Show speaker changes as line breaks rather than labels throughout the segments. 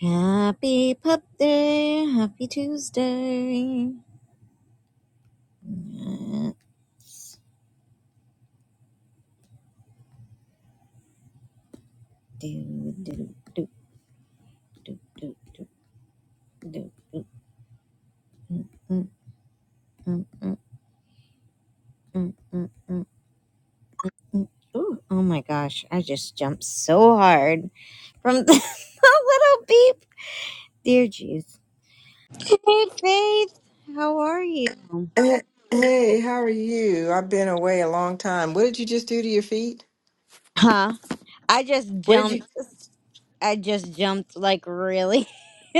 Happy Pup Day, Happy Tuesday. Uh, do, do, do, do, do, do, do, do. Mm, mm, mm, mm, mm, mm, mm, mm. Ooh, oh my gosh, I just jumped so hard from the little beep. Dear jeez. Hey Faith, how are you?
Eh, Hey, how are you? I've been away a long time. What did you just do to your feet?
Huh? I just
What did
jumped
you?
I just jumped like really.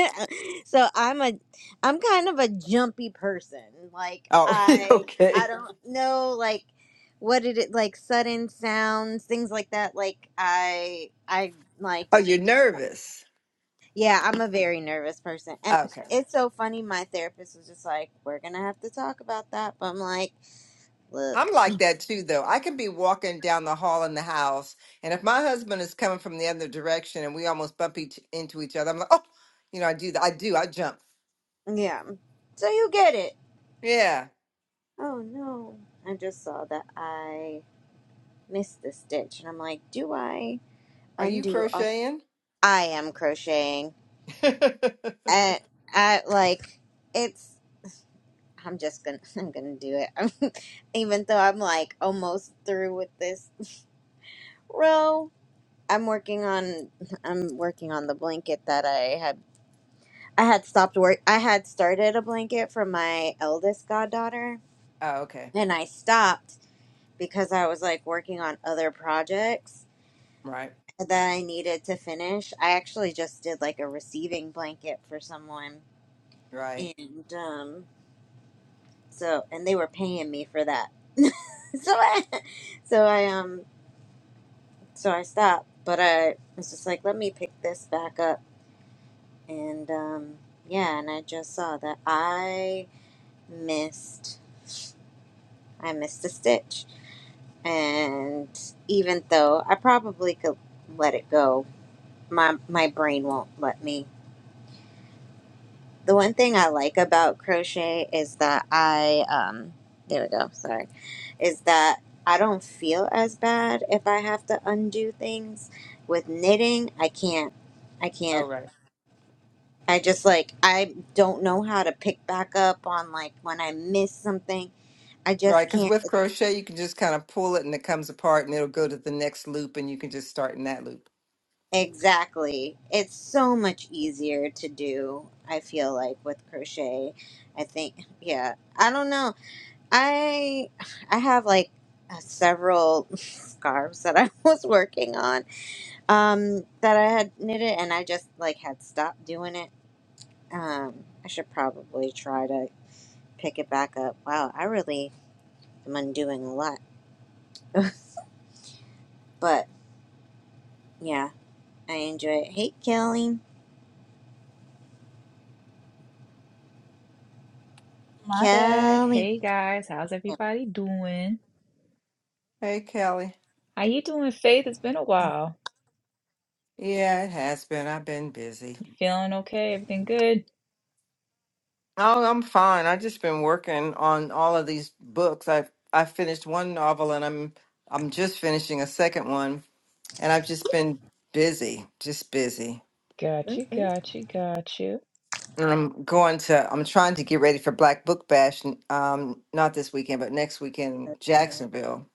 so I'm a I'm kind of a jumpy person. Like
Oh,
I I
okay.
don't know like what did it like sudden sounds, things like that. Like I I like
Oh,
just
you're nervous.
yeah, I'm a very nervous person. And
Okay.
it's so funny my therapist was just like, "We're going to have to talk about that." But I'm like, "Look,
I'm like that too, though. I can be walking down the hall in the house, and if my husband is coming from the other direction and we almost bump each into each other, I'm like, oh, you know, I do that. I do. I jump.
yeah. So you get it."
Yeah.
Oh no. I just saw that I missed the stitch and I'm like, "Do I?"
Are you
undo all
crocheting?
I am crocheting
oh,
at at like it's I'm just gonna I'm gonna do it. I'm even though I'm like almost through with this row. I'm working on I'm working on the blanket that I had I had stopped work I had started a blanket for my eldest goddaughter
okay.
and I stopped because I was like working on other projects
Right.
that I needed to finish. I actually just did like a receiving blanket for someone
Right.
and um so and they were paying me for that so i so i um so i stopped but i was just like let me pick this back up and um yeah and i just saw that i missed i missed a stitch and even though i probably could let it go my my brain won't let me the one thing I like about crochet is that I um there we go, sorry. Is that I don't feel as bad if I have to undo things. With knitting, I can't I can't
All right.
I just like I don't know how to pick back up on like when I miss something. I
Right,
just
because
can't
with
It's,
crochet, you can just kind of pull it and it comes apart and it'll go to the next loop and you can just start in that loop.
exactly. It's so much easier to do, I feel like with crochet. I think yeah. I don't know. I I have like uh, several scarves that I was working on um, that I had knitted, and I just like had stopped doing it. Um, I should probably try to pick it back up. Wow, I really am undoing a lot, but yeah, I enjoy it. Hey, Kelly,
My bad.
Kelly,
Hey guys, how's everybody doing?
Hey, Kelly.
How you doing, Faith? It's been a while.
Yeah, it has been. I've been busy.
You feeling okay? Everything good?
Oh, I'm fine. I've just been working on all of these books. I've I finished one novel and I'm I'm just finishing a second one and I've just been busy, just busy.
Got you,
Ooh,
got you, got you.
And I'm going to I'm trying to get ready for Black Book Bash n- um not this weekend, but next weekend in
okay,
Jacksonville.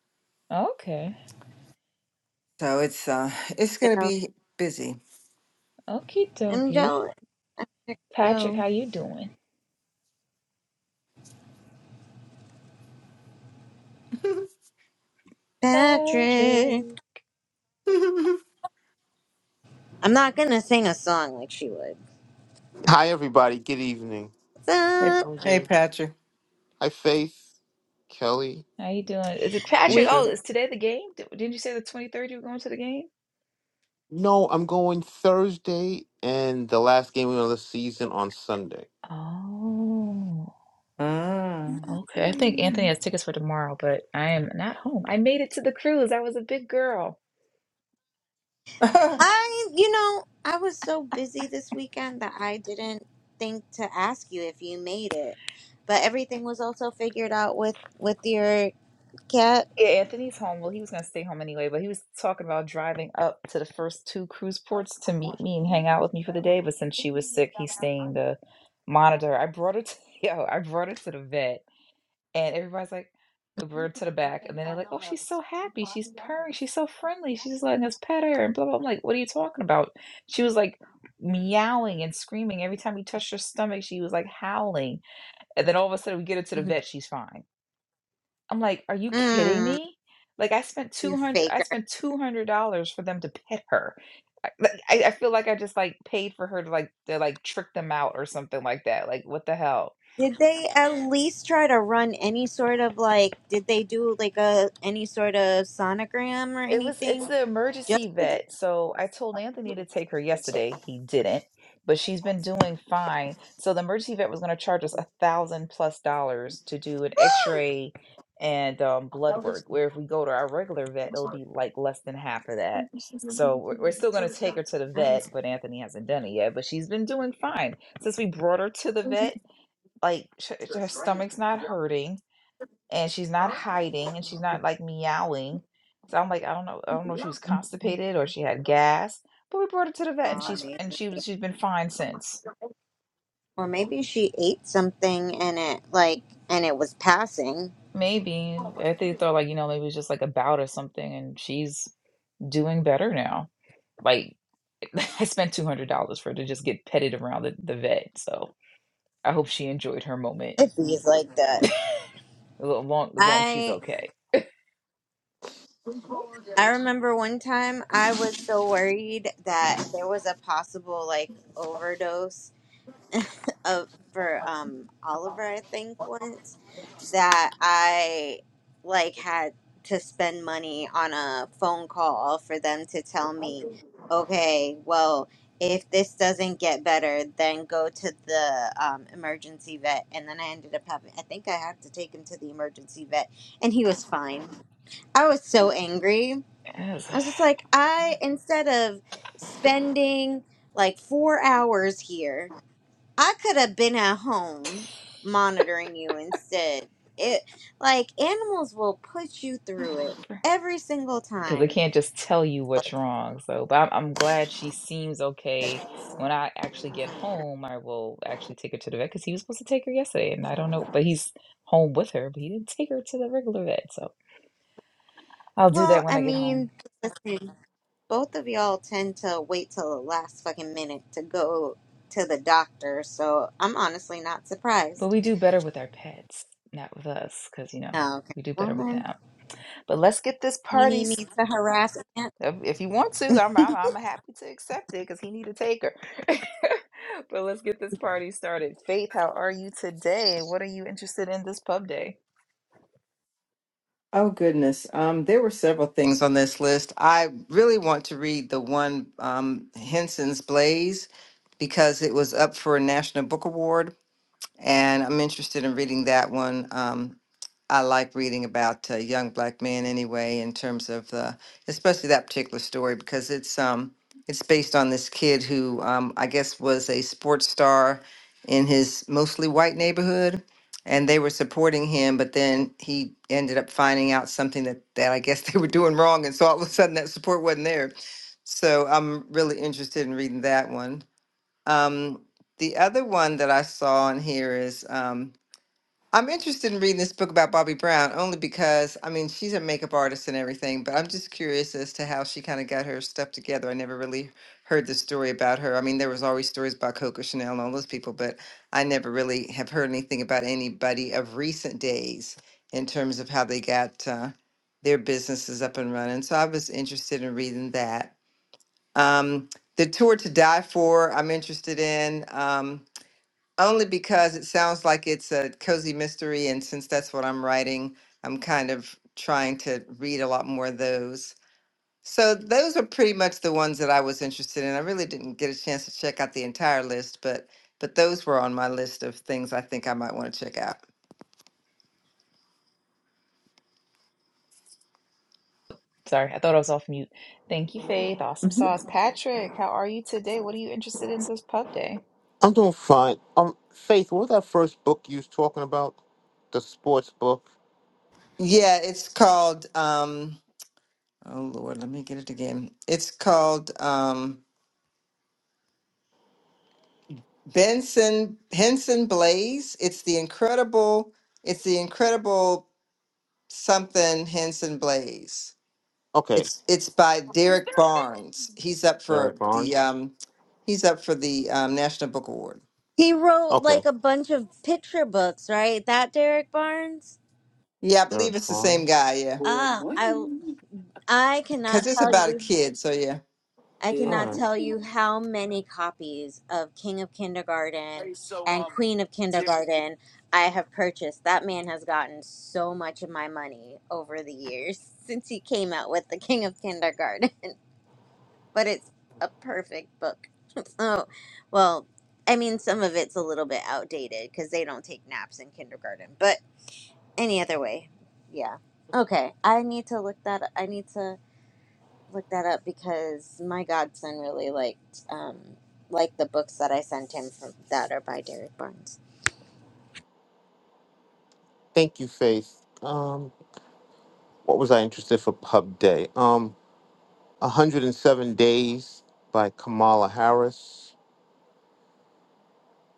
Okay.
So it's uh it's gonna
now.
be busy.
Okie
I'm
dokie.
jealous.
Patrick,
Go,
how you doing?
Patrick.
Patrick,
I'm not gonna sing a song like she would.
Hi, everybody. Good evening.
What's
Hey,
I'm
up?
hey,
good.
Patrick.
Hi, Faith, Kelly,
how you doing? Is it Patrick?
We.
Oh,
Keisha.
is today the game? Di- Didn't you say the 23rd you were going to the game?
No, I'm going Thursday and the last game of the season on Sunday.
Oh,
Ah.
okay. I think Anthony has tickets for tomorrow, but I am not home. I made it to the cruise. I was a big girl.
oh
I, you know, I was so busy this weekend that I didn't think to ask you if you made it. But everything was also figured out with with your cat.
Yeah, Anthony's home. Well, he was gonna stay home anyway, but he was talking about driving up to the first two cruise ports to meet me and hang out with me for the day. But since she was sick, he's staying to monitor. her. I brought her to yo, I brought her to the vet, and everybody's like, we brought her to the back, and then they're like, oh, she's so happy, she's purring, she's so friendly, she's just letting us pet her, and blah blah. I'm like, what are you talking about? She was like meowing and screaming every time we touched her stomach. She was like howling, and then all of a sudden we get her to the
Mhm.
vet, she's fine. I'm like, "Are you kidding
Mm,
me?" Like, I spent
you
200 I
faker.
spent $200 for them to pet her. I like, I I feel like I just, like, paid for her to, like to, like, trick them out or something like that, like, what the hell?
Did they at least try to run any sort of like? Did they do like a any sort of sonogram or
It was it's
anything?
the
Just
emergency
to,
vet. So I told Anthony to take her yesterday. He didn't, but she's been doing fine. So the emergency vet was going to charge us a thousand plus dollars to do an X-ray and um, blood work. Where if we go to our regular vet, it'll be like less than half of that. So we're, we're still going to take her to the
I don't
vet, but Anthony hasn't done it yet. But she's been doing fine since we brought her to the vet. Like sh- her stomach's not hurting and she's not hiding and she's not like meowing. So I'm like, I don't know, I don't know if she was constipated or she had gas, but we brought her to the vet and
know,
she's
maybe
and she was she's been fine since.
or maybe she ate something and it like and it was passing.
Maybe I think they thought like you know maybe it was just like a bout or something, and she's doing better now. Like I spent two hundred dollars for her to just get petted around the, the vet, so I hope she enjoyed her moment.
It feels like that.
As long as long as she's
I
okay.
I remember one time I was so worried that there was a possible like overdose of for um Oliver I think once that I like had to spend money on a phone call for them to tell me, "Okay, well, if this doesn't get better, then go to the um, emergency vet." And then I ended up having I think I had to take him to the emergency vet and he was fine. I was so angry. I was just like, I instead of spending like four hours here, I could have been at home monitoring you instead. It like animals will put you through it
Yes.
every single
because they
time.
can't just tell you what's
Like,
wrong. So, but I'm, I'm glad she seems okay. When I actually get
mm.
home, I will actually take her to the vet because he was supposed to take her yesterday, and I don't know, but he's home with her, but he didn't take her to the regular vet. So I'll do
well,
that when
I
I get home.
mean, listen, both of y'all tend to wait till the last fucking minute to go to the doctor, so I'm honestly not
But
surprised.
we do better with our pets, not with us, because you know
Oh, Okay,
we do
well
better with
then,
them. But let's get this
you
party
need me to harass
If, if you want to, I'm, I'm I'm happy to accept it because he need to take her. but let's get this party started. Faith, how are you today? What are you interested in this pub day?
goodness. Um, there were several things on this list. I really want to read the one um, Henson's Blaze because it was up for a National Book Award, and I'm interested in reading that one. Um, I like reading about uh, young black men anyway, in terms of the, especially that particular story because it's um it's based on this kid who um I guess was a sports star in his mostly white neighborhood, and they were supporting him, but then he ended up finding out something that that I guess they were doing wrong, and so all of a sudden that support wasn't there. So I'm really interested in reading that one. Um, the other one that I saw in here is. Um, I'm interested in reading this book about Bobby Brown only because, I mean, she's a makeup artist and everything, but I'm just curious as to how she kind of got her stuff together. I never really heard the story about her. I mean, there was always stories about Coco Chanel and all those people, but I never really have heard anything about anybody of recent days in terms of how they got uh, their businesses up and running. So I was interested in reading that. Um, the tour to die for, I'm interested in. Um, only because it sounds like it's a cozy mystery, and since that's what I'm writing, I'm kind of trying to read a lot more of those. So those are pretty much the ones that I was interested in. I really didn't get a chance to check out the entire list, but but those were on my list of things I think I might want to check out.
Sorry, I thought I was off mute. Thank you, Faith. Awesome
hmm
sauce. Patrick, how are you today? What are you interested in this pub day?
I'm doing fine. Um, Faith, what was that first book you was talking about? The sports book.
Yeah, it's called um oh Lord, let me get it again. It's called um Benson Henson Blaze. It's the incredible it's the incredible something Henson Blaze.
Okay.
It's it's by Derek Barnes. He's up for
Derek
the
Barnes.
um he's up for the um, National Book Award.
He wrote
Okay.
like a bunch of picture books, right? That Derek Barnes?
Yeah, I
Derek
believe it's the same
Barnes.
guy. Yeah,
Ah, I I
because
cannot
it's
tell
about a
you
kid. So yeah,
I
All
cannot
right.
tell you how many copies of King of Kindergarten and Queen of Kindergarten I have purchased. That man has gotten so much of my money over the years since he came out with The King of Kindergarten, but it's a perfect book. So, well, I mean, some of it's a little bit outdated because they don't take naps in kindergarten, any other way. Yeah. Okay. I need to look that I need to look that up because my godson really liked um liked the books that I sent him from that are by Derek Barnes.
Thank you, Faith. Um, what was I interested for Pub Day? Um, 107 Days by Kamala Harris.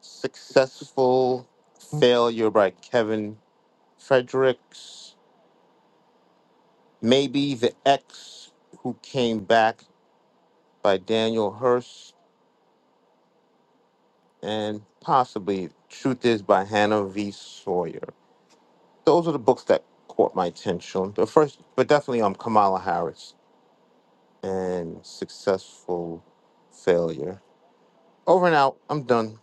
Successful Failure by Kevin Fredericks. Maybe the X Who Came Back by Daniel Hurst, And possibly Truth Is by Hannah V. Sawyer. Those are the books that caught my attention. But first, but definitely um, Kamala Harris and Successful Failure. Over and out. I'm done.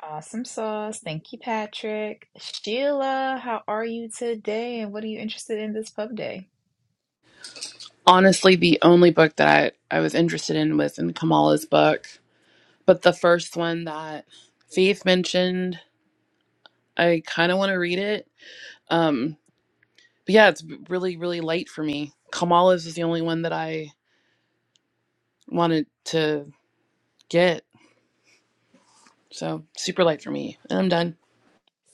Awesome sauce. Thank you, Patrick. Sheila, how are you today? And what are you interested in this pub day?
honestly the only book that I, I was interested in was in Kamala's book. But the first one that Faith mentioned, I kind of want to read it. Um, but yeah, it's really, really light for me. Kamala's is the only one that I wanted to get. So super light for me. And I'm done.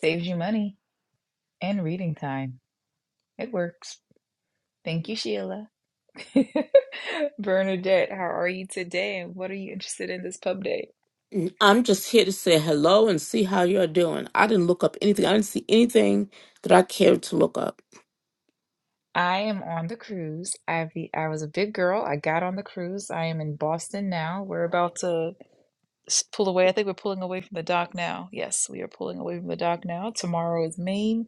Saves you money and reading time. It works. Thank you, Sheila. Bernadette, how are you today? And what are you interested in this pub day?
N- I'm just here to say hello and see how you're doing. I didn't look up anything. I didn't see anything that I cared to look up.
I am on the cruise. I be, I was a big girl. I got on the cruise. I am in Boston now. We're about to s- pull away. I think we're pulling away from the dock now. Yes, we are pulling away from the dock now. Tomorrow is Maine.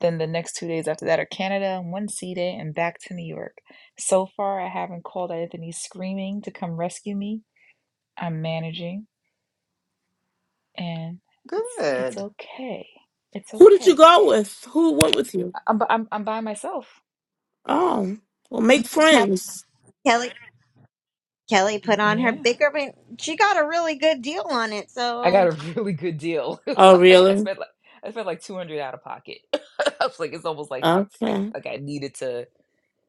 Then the next two days after that are Canada, one sea day, and back to New York. So far, I haven't called Anthony screaming to come rescue me. I'm managing, and it's it's
good.
okay. It's
Who did you
okay.
go with? Who went with you?
I- am i I'm I'm by myself.
Oh, well, make
Kelly
friends.
Kelly Kelly put on her
Yeah,
bigger ring. she got a really good deal on it,
I got
so
a really good deal.
Oh,
Like, I
really?
spent like I spent like 200 out of pocket. I was like, it's almost like how I,
Okay.
like I needed to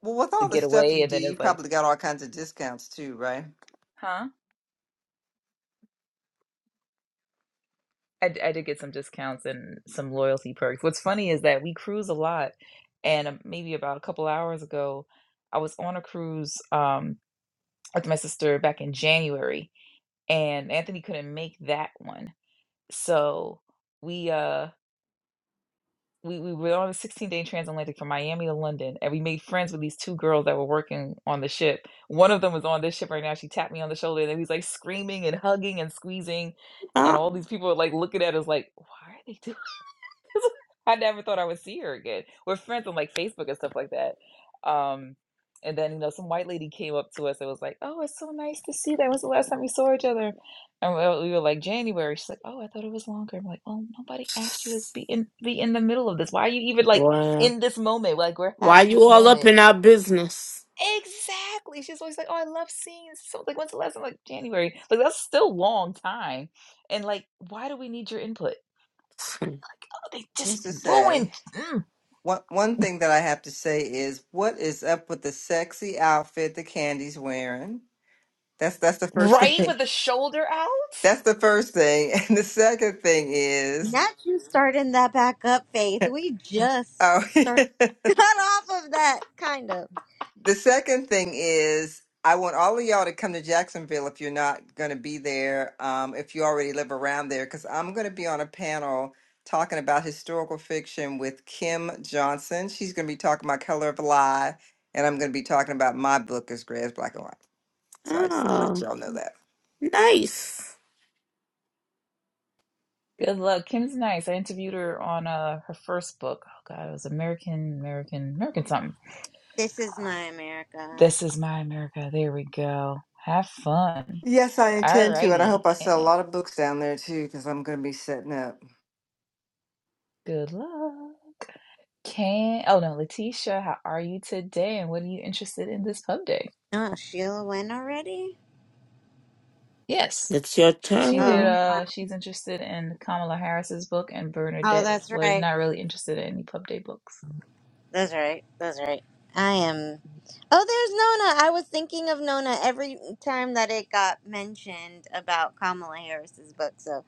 Well, with
to
all the
get
stuff
away,
you
and
do,
then
you
it's like,
probably got all kinds of discounts too, right?
huh? I d I did get some discounts and some loyalty perks. What's funny is that we cruise a lot, and, um, maybe about a couple hours ago, I was on a cruise, um, with my sister back in January, and Anthony couldn't make that one. So we, uh, we we were on a 16-day transatlantic from Miami to London, and we made friends with these 2 girls that were working on the ship. One of them was on this ship right now, she tapped me on the shoulder, and then he's, like, screaming and hugging and squeezing, and all
Oh,
these people are, like, looking at us like, "Why are they doing I never thought I would see her again. We're friends on like Facebook and stuff like that. Um, and then you know, some white lady came up to us and was like, "Oh, it's so nice to see that. When's the last time we saw each other?" And we we were like, "January." She's like, "Oh, I thought it was longer." I'm like, "Oh, nobody asked you to be in be in the middle of this. Why are you even like
well,
in this moment? Like we're
why
having
you
this
all up
moment."
in our business?
Exactly. She's always like, "Oh, I love seeing this." So like, when's the last time? Like January. Like that's still long time. And like, why do we need your input? Like, oh, they just
Things to
ruined
say. One one thing that I have to say is, what is up with the sexy outfit that Candy's wearing? That's that's the first
Right?
thing.
With the shoulder out?
That's the first thing, and the second thing is.
not you starting that back up, Faith. We just
Oh,
start got off of that kind of.
the second thing is I want all of y'all to come to Jacksonville if you're not going to be there, um, if you already live around there, because I'm going to be on a panel talking about historical fiction with Kim Johnson. She's going to be talking about Color of a Lie, and I'm going to be talking about my book, is Gray is Black and White. So I just let
Oh,
y'all know that.
nice.
Good luck. Kim's nice. I interviewed her on uh her first book. Oh god, it was American, American, American something.
This is my America.
This is my America. There we go. Have fun.
Yes, I intend to, and I
Alrighty.
hope I sell a
And
lot of books down there too, because I'm going to be setting up.
good luck. Can oh no, Letitia, how are you today? And what are you interested in this pub day?
Oh, Sheila went already?
Yes.
It's your
She did
Oh,
turn.
wow.
uh she's interested in Kamala Harris's book and
oh,
Bernadette
that's
was
right.
not really interested in any pub day books.
That's right. That's right. I am. Oh, there's Nona. I was thinking of Nona every time that it got mentioned about Kamala Harris's book. So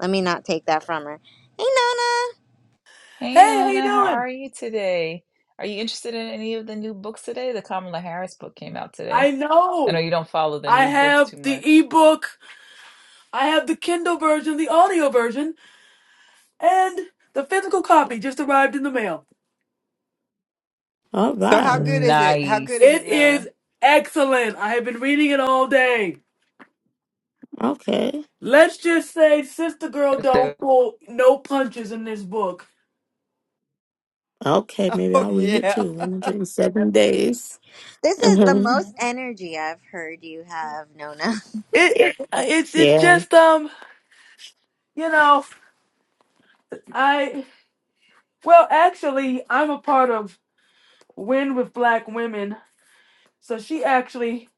let me not take that from her. Hey, Nona.
Hey
Hey, how you
Nona, how
doing?
are you today? Are you interested in any of the new books today? The Kamala Harris book came out
I
today. I know
know.
you don't follow the
I
new books
have
too
the
much.
ebook, I have the Kindle version, the audio version, and the physical copy just arrived in the mail.
All
So how
right.
good is it? How good is
It
it,
Nice.
is
Nona?
excellent. I have been reading it all day.
Okay.
Let's just say Sister Girl
That's
don't
dope.
pull no punches in this book.
Okay. Maybe
Oh
I'll read it
yeah.
too. 107 days.
This is the
hmm
most energy I've heard you have, Nona.
It, it it's it's
Yeah.
just um, you know, I well actually I'm a part of Win with Black Women. So she actually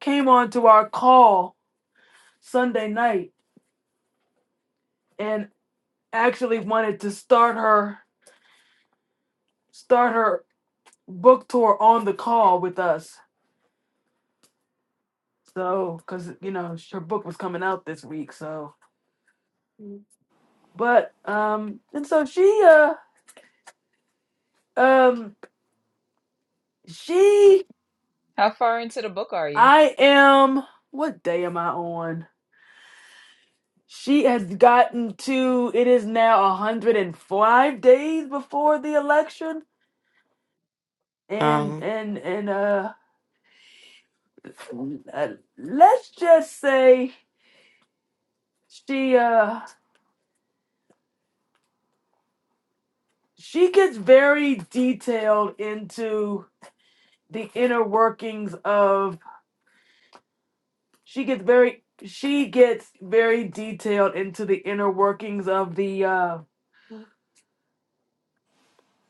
came on to our call Sunday night and actually wanted to start her start her book tour on the call with us. So, because you know her book was coming out this week, so Mm. but um and so she uh um she
How far into the book are you?
I am what day am I on? She has gotten to it is now 105 days before the election and
Um,
and and uh uh, let's just say she uh she gets very detailed into the inner workings of she gets very she gets very detailed into the inner workings of the uh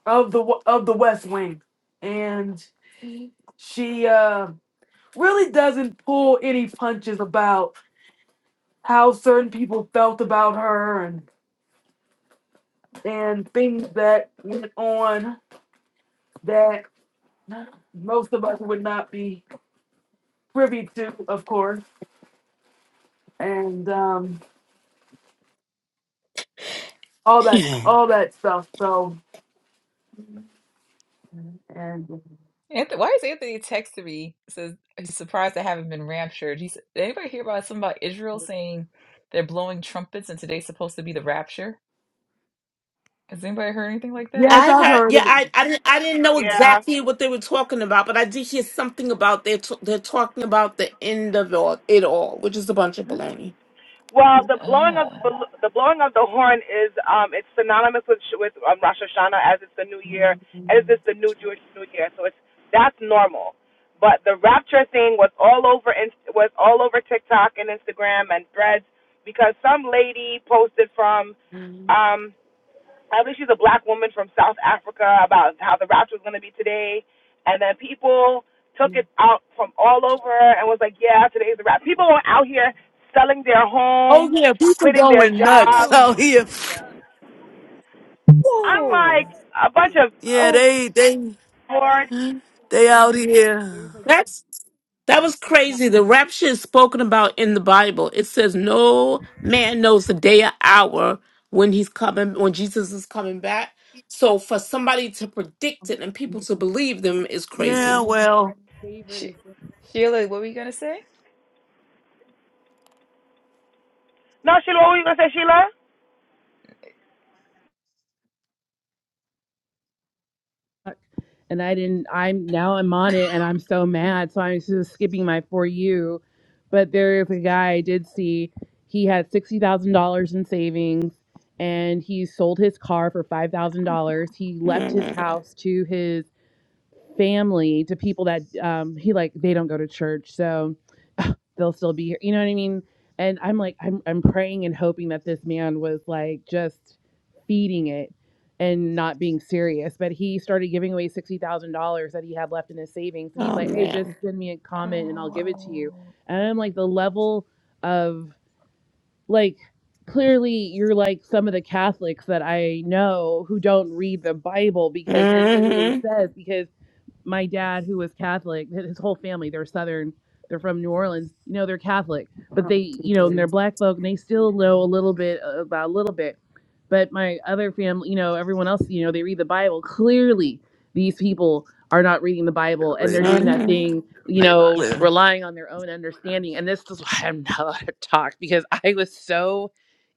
of the w- of the West Wing and she uh really doesn't pull any punches about how certain people felt about her and and things that went on that most of us would not be privy to of course and um, all that all that stuff. So, and
Anthony, why is Anthony texting me? Says he's surprised I haven't been raptured. He's did anybody hear about something about Israel saying they're blowing trumpets and today's supposed to be the rapture? Has anybody heard anything like that?
yes,
I
I've
heard,
heard
yeah,
of
I,
it.
I didn't, I didn't know
Yeah.
exactly what they were talking about, but I did hear something about they're t- they're talking about the end of all, it all, which is a bunch of baloney.
Well, the blowing of
Uh.
the bal- the blowing of the horn is um it's synonymous with Sh- with um, Rosh Hashanah as it's the new year as it's the new Jewish New Year, so it's that's normal. But the rapture thing was all over in, was all over TikTok and Instagram and Threads because some lady posted from um I believe she's a black woman from South Africa about how the rapture was going to be today. And then people took it out from all over and was like, yeah, today's the rapture. People were out here selling their
Oh
homes,
yeah, people
quitting their
going nuts
jobs.
out here.
I'm like,
Whoa.
a bunch of,
Yeah,
oh,
they they
Lord.
they out here.
That's that was crazy. The rapture is spoken about in the Bible. It says no man knows the day or hour when he's coming, when Jesus is coming back. So for somebody to predict it and people to believe them is
Yeah,
crazy.
well,
She, Sheila, what were you gonna say?
No, Sheila, what were you going to say, Sheila?
and I didn't. I'm now I'm on it, and I'm so mad. So I'm just skipping my for you. But there is a guy I did see. He had sixty thousand dollars in savings, and he sold his car for five thousand dollars. He left his
Mhm.
house to his family to people that um, he like they don't go to church, so they'll still be here. You know what I mean? And I'm like, I'm I'm praying and hoping that this man was like just feeding it and not being serious. But he started giving away sixty thousand dollars that he had left in his savings, and he's
Oh
like, Hey, just
man.
send me a comment and I'll
I
give it to you.
Oh,
And I'm like, the level of like clearly you're like some of the Catholics that I know who don't read the Bible because it literally
hmm
says because my dad who was Catholic, his whole family, they're Southern, they're from New Orleans. You know, they're Catholic, but they,
don't
you
think
know,
it
and they're
is
black folk, and they still know a little bit uh, about a little bit. But my other family, you know, everyone else, you know, they read the Bible. Clearly, these people are not reading the Bible, and
really
they're
not
doing that thing, you know,
clear.
relying on their own understanding. And this is why I'm not allowed to talk because I was so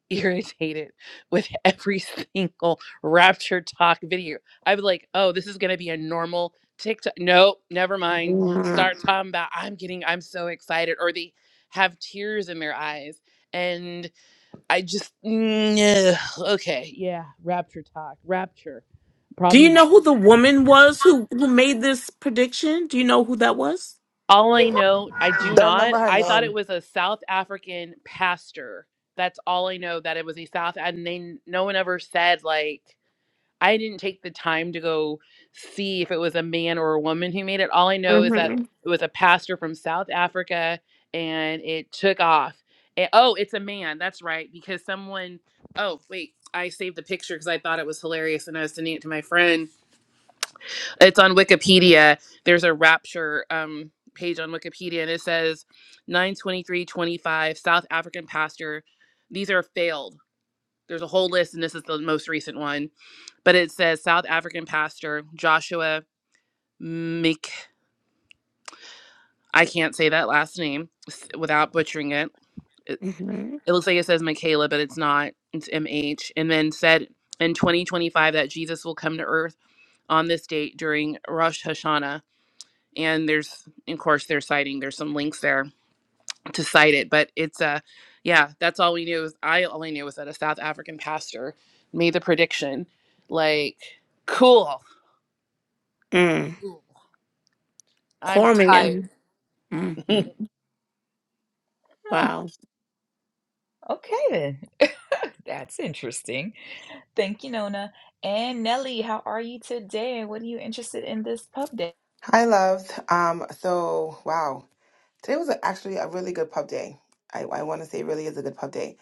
irritated with every single Rapture Talk video. I was like, oh, this is gonna be a normal TikTok. Nope, never mind.
Do
Start talking about I'm getting, I'm so excited, or they have tears in their eyes. And I just mm, ugh, okay, yeah, Rapture Talk, Rapture.
you
Problem.
know who the woman was who who made this prediction? Do you know who that was?
All I know, I do
Don't
not.
remember her
I thought it
name.
was a South African pastor. That's all I know. That it was a South, and they no one ever said like I didn't take the time to go see if it was a man or a woman who made it. All I know is that
hmm
it was a pastor from South Africa and it took off. And, oh, it's a man. That's right. Because someone, oh, wait, I saved the picture because I thought it was hilarious and I was sending it to my friend. It's on Wikipedia. There's a rapture um, page on Wikipedia and it says 92325 South African pastor. These are failed. There's a whole list and this is the most recent one but it says South African pastor Joshua Mik. I can't say that last name without butchering it. It,
hmm
it looks like it says Michaela, but it's not. It's M H. And then said in 2025 that Jesus will come to Earth on this date during Rosh Hashanah. And there's, of course, they're citing. There's some links there to cite it, but it's a, uh, yeah. That's all we knew. Was, I all I knew was that a South African pastor made the prediction. Like, cool.
Mm.
Cool. I'm
Poor
tired.
man. hmm
huh,
Wow.
okay then. That's interesting. Thank you, Nona. And Nelly, how are you today? And what are you interested in this pub day?
Hi, love. Um, so wow, today was actually a really good pub day. I, I want to say really is a good pub day.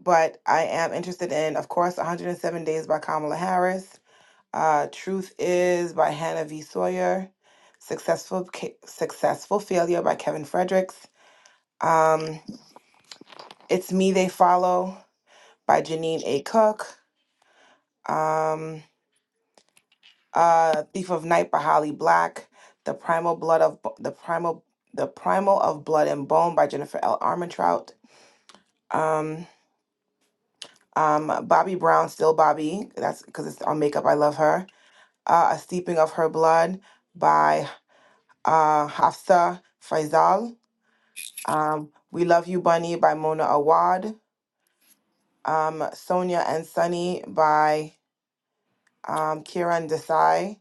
but I am interested in, of course, 107 Days by Kamala Harris, uh, Truth Is by Hannah V. Sawyer, Successful Ca- Successful Failure by Kevin Fredericks, um, It's Me They Follow by Janine A. Cook, um, uh, Thief of Night by Holly Black, The Primal Blood of Bo- the Primal the Primal of Blood and Bone by Jennifer L. Armentrout, um, um, Bobby Brown, Still Bobby, that's because it's on Makeup. I love her uh, a steeping of her blood by uh, Hafsa Faisal. Um, we Love You Bunny by Mona Awad. Um, Sonia and Sunny by um, Kiran Desai.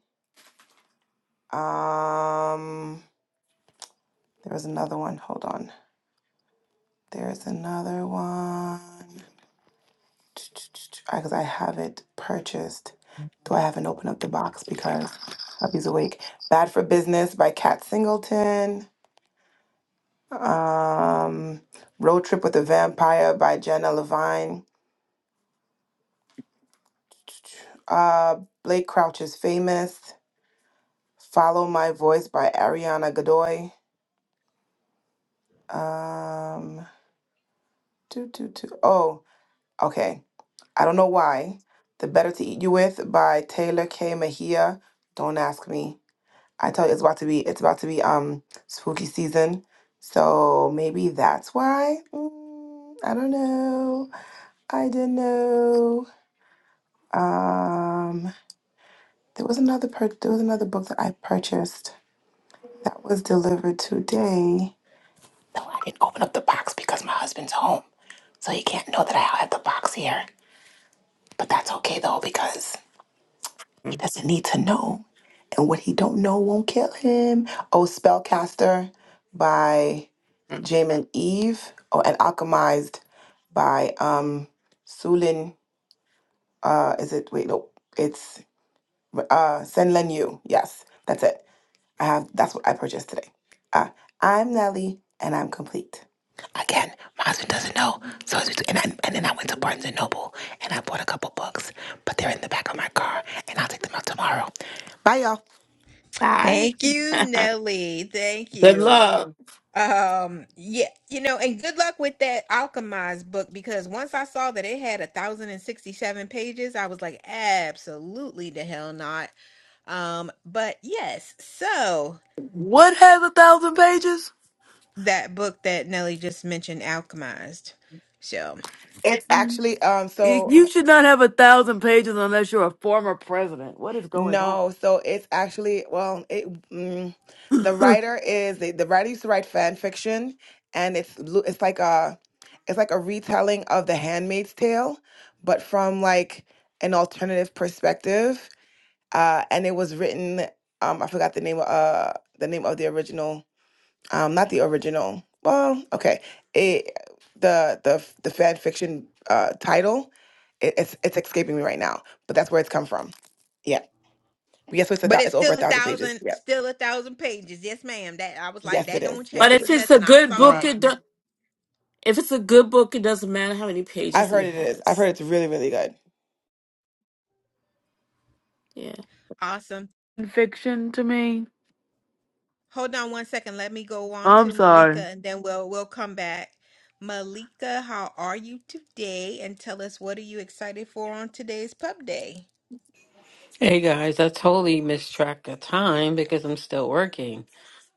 Um, there was another one. Hold on. There's another one. Because I have it purchased. Though I haven't opened up the box because hubby's awake. Bad for Business by Kat Singleton. Um, Road Trip with a Vampire by Jenna Levine. Uh, Blake Crouch is Famous. Follow My Voice by Ariana Godoy. Um, do, Oh, okay. I don't know why. The Better to Eat You With by Taylor K. Mejia. Don't ask me. I tell you, it's about to be. It's about to be um spooky season, so maybe that's why. Mm, I don't know. I don't know. Um, there was another per- there was another book that I purchased that was delivered today. No, I didn't open up the box because my husband's home, so he can't know that I have the box here. But that's okay though because he
Mhm.
doesn't need to know, and what he don't know won't kill him. Oh, Spellcaster by Jamin Eve. Oh, and Alchemized by um Sulin. Uh, is it wait no? It's uh Sen Len Yu. Yes, that's it. Uh, that's what I purchased today. Uh, I'm Nelly, and I'm complete. Again, my husband doesn't know, so it's between, and I, and then I went to Barnes and Noble and I bought a couple books, but they're in the back of my car, and I'll take them out tomorrow. Bye, y'all.
Bye.
Thank you, Nelly. Thank
good
you.
luck.
Um, yeah, you know, and good luck with that Alchemized book because once I saw that it had a thousand and sixty-seven pages, I was like, absolutely the hell not. Um, but yes, so
What has a thousand pages?
that book that Nelly just mentioned, Alchemized. So,
It's actually um
You
so
you should not have a thousand pages unless you're a former president. What is going on?
no so it's actually well it mm, the writer is the, the writer used to write fan fiction and it's lu- it's like a it's like a retelling of The Handmaid's Tale, but from like an alternative perspective uh, and it was written. Um, I forgot the name of uh, the name of the original. Um, not the original. Well, okay. It the the f- the fan fiction uh, title. It, it's it's escaping me right now, but that's where it's come from. Yeah. Yes, it's a
but
thou-
it's
it's over a
still a
thousand pages.
thousand,
Yeah.
still a thousand pages. Yes, ma'am. That I was like,
Yes, it
that
is.
don't
Yes,
But
it is.
if
change
it's a
nothing. I
good
saw
book,
what
that.
it do- if it's a good book, it doesn't matter how many
I've
pages
heard
it
it is. I've
has.
heard it's really, really good.
Yeah.
Awesome.
fiction to me?
Hold on one second. Let me go on
I'm
to
sorry.
Malika and then we'll we'll come back. Malika, how are you today? And tell us what are you excited for on today's pub day?
Hey guys, I totally mistracked the time because I'm still working.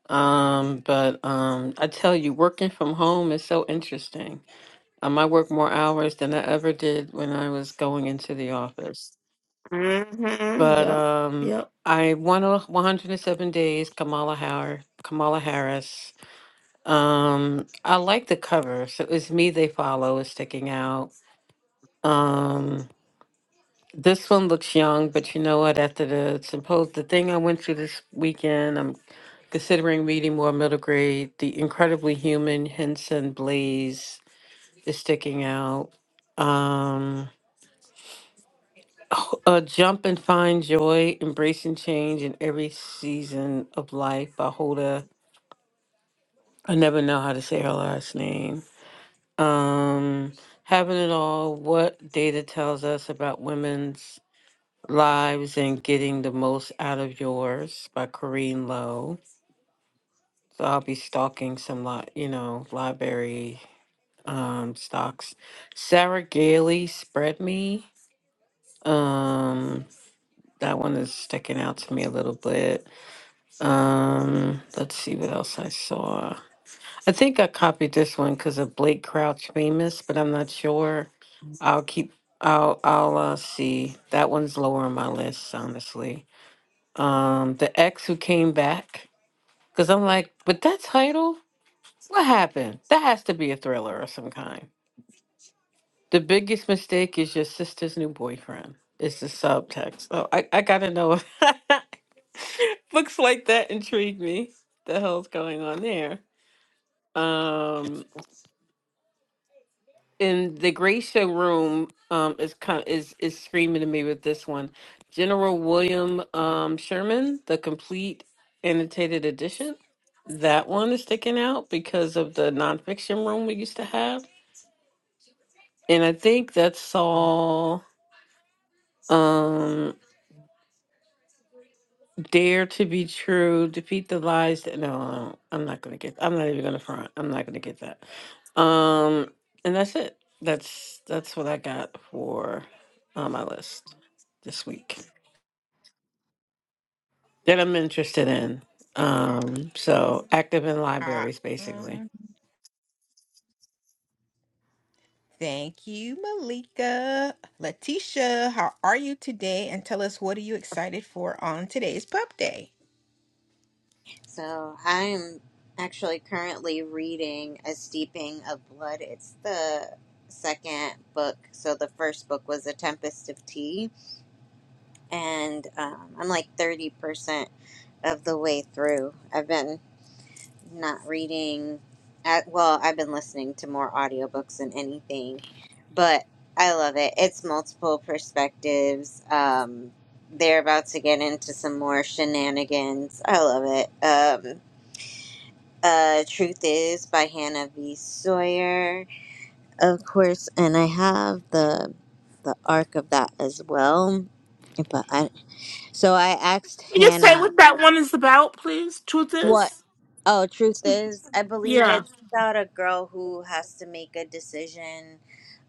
Um, but um, I tell you, working from home is so interesting. Um, I work more hours than I ever did when I was going into the office.
hmm
But
Yep.
um,
Yep.
I won a 107 days, Kamala Harris. Kamala Harris. Um, I like the cover, so it's me they follow is sticking out. Um, this one looks young, but you know what? After the suppose the thing I went through this weekend, I'm Considering reading more middle grade, The Incredibly Human, Henson Blaze is sticking out. Um, oh, uh, Jump and Find Joy, Embracing Change in Every Season of Life by Hoda. I never know how to say her last name. Um, Having It All, What Data Tells Us About Women's Lives and Getting the Most Out of Yours by Corrine Lowe. So I'll be stalking some, li- you know, library um stocks. Sarah Gailey spread me. Um that one is sticking out to me a little bit. Um let's see what else I saw. I think I copied this one because of Blake Crouch famous, but I'm not sure. I'll keep I'll I'll uh, see. That one's lower on my list, honestly. Um The Ex Who Came Back. Cause I'm like, with that title, what happened? That has to be a thriller of some kind. The biggest mistake is your sister's new boyfriend. It's the subtext. Oh, I, I gotta know. Books like that intrigue me. The hell's going on there? Um, in the Gracia room, um, is kind is is screaming to me with this one. General William um Sherman, the complete annotated edition. That one is sticking out because of the nonfiction room we used to have, and I think that's all. Um, Dare to be true. Defeat the lies. That, no, I'm not gonna get. I'm not even gonna front. I'm not gonna get that. Um, and that's it. That's that's what I got for on my list this week that I'm interested in. Um, so active in
Ah,
libraries, basically.
mm, thank you, Malika. Letitia, how are you today? And tell us what are you excited for on today's pub day?
So I'm actually currently reading A Steeping of Blood. It's the second book. So the first book was A Tempest of Tea. And um, I'm like 30% of the way through. I've been not reading at well, I've been listening to more audiobooks than anything, but I love it. It's multiple perspectives. Um they're about to get into some more shenanigans. I love it. Um uh Truth Is by Hannah V. Sawyer, of course, and I have the the arc of that as well. But I so I asked
Can you say
Hannah
what that one is about, please? Truth
what
is.
Oh, truth is, I believe
Yeah.
it's about a girl who has to make a decision,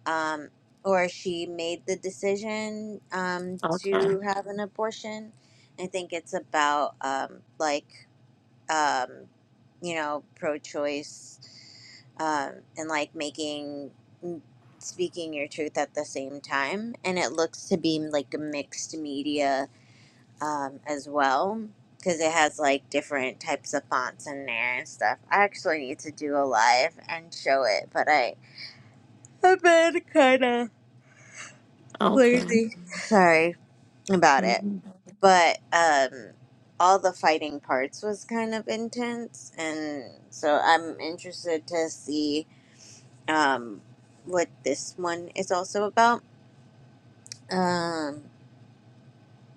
um, or she made the decision um,
Okay.
to have an abortion. I think it's about um, like um, you know pro-choice um, and like making mm, speaking your truth at the same time, and it looks to be like a mixed media um, as well because it has like different types of fonts in there and stuff. I actually need to do a live and show it, but I I've been kind of
Okay.
lazy. Sorry about it,
hmm
but um, all the fighting parts was kind of intense, and so I'm interested to see um what this one is also about. Um,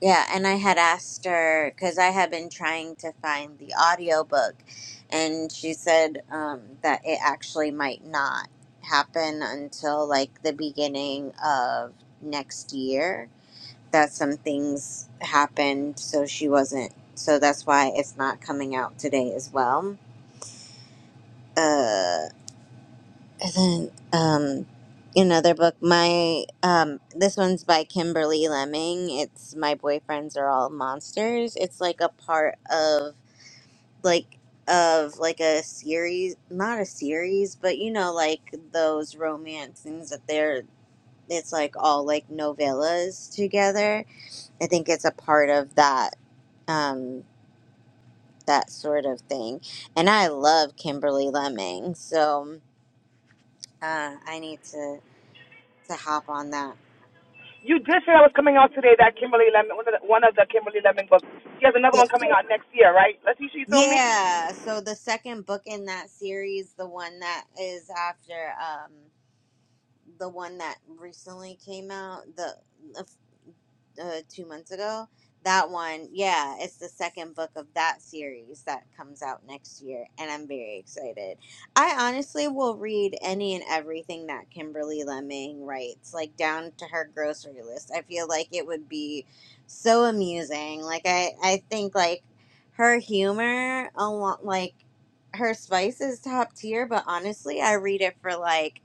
Yeah, and I had asked her because I had been trying to find the audiobook, and she said um, that it actually might not happen until like the beginning of next year. That some things happened, so she wasn't. So that's why it's not coming out today as well. Uh, and then um, another book, my um, this one's by Kimberly Lemming. It's My Boyfriends Are All Monsters. It's like a part of like of like a series, not a series, but you know, like those romance things that they're. It's like all like novellas together. I think it's a part of that um, that sort of thing. And I love Kimberly Lemming, so uh, I need to to hop on that
You did say I was coming out today. That Kimberly Lemon, one of the, one of the Kimberly Lemon books. She has another
Yeah.
one coming out next year, right? Let's see. She told me
Yeah. So the second book in that series, the one that is after um the one that recently came out, the uh, two months ago. That one, yeah, it's the second book of that series that comes out next year, and I'm very excited. I honestly will read any and everything that Kimberly Lemming writes, like down to her grocery list. I feel like it would be so amusing. Like I, I think like her humor, along like her spice is top tier. But honestly, I read it for like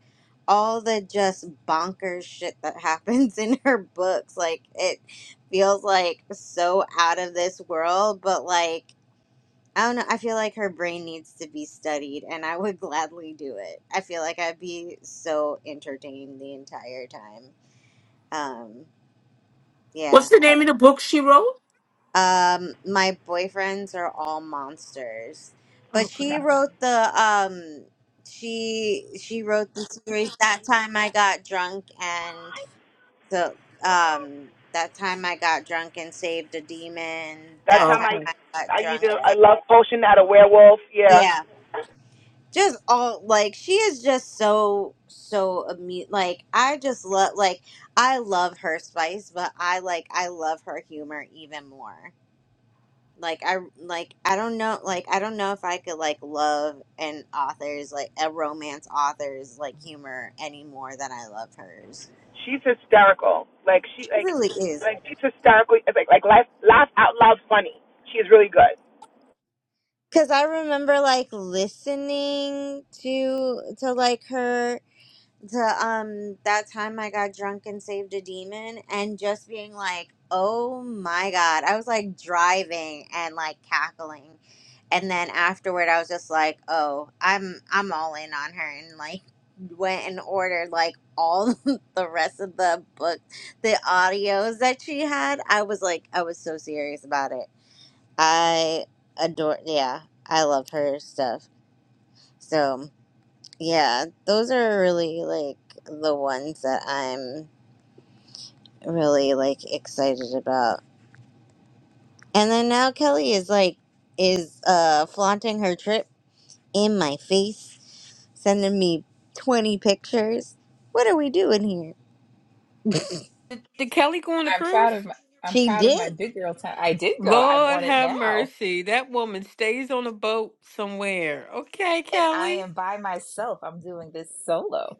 all the just bonkers shit that happens in her books. Like it feels like so out of this world, but like I don't know, I feel like her brain needs to be studied and I would gladly do it. I feel like I'd be so entertained the entire time. Um
What's
yeah.
the name of the book she wrote?
I- Um my boyfriends are all monsters. But
Okay.
she wrote the um she she wrote the series that time I got drunk and. So um, that time I got drunk and saved a demon.
that
That
time
time
I
Okay.
I got
I
drunk.
either
And,
I love potion at a werewolf. Yeah.
yeah, just all like she is just so so amu- like I just love like I love her spice, but I like I love her humor even more. Like I like I don't know like I don't know if I could like love an author's like a romance author's like humor any more than I love hers.
she's hysterical. Like she
She
like
really is.
like she's hysterical. Like like laugh, laugh out loud funny. She is really good.
Cause I remember like listening to to like her to um that time I got drunk and saved a demon and just being like, oh my god. I was like driving and like cackling. And then afterward I was just like, oh, I'm I'm all in on her and like went and ordered like all the rest of the book the audios that she had. I was like I was so serious about it. I adore. Yeah, I love her stuff. So yeah, those are really like the ones that I'm really like excited about. And then now Kelly is like is uh flaunting her trip in my face, sending me twenty pictures. What are we doing here?
Did, did Kelly go on a
I'm
cruise?
proud of my I'm
She
proud of my
did.
big girl time. I did go. I'm
Lord
on it
have
now.
mercy. That woman stays on a boat somewhere. Okay,
And I
Kelly.
am by myself. I'm doing this solo.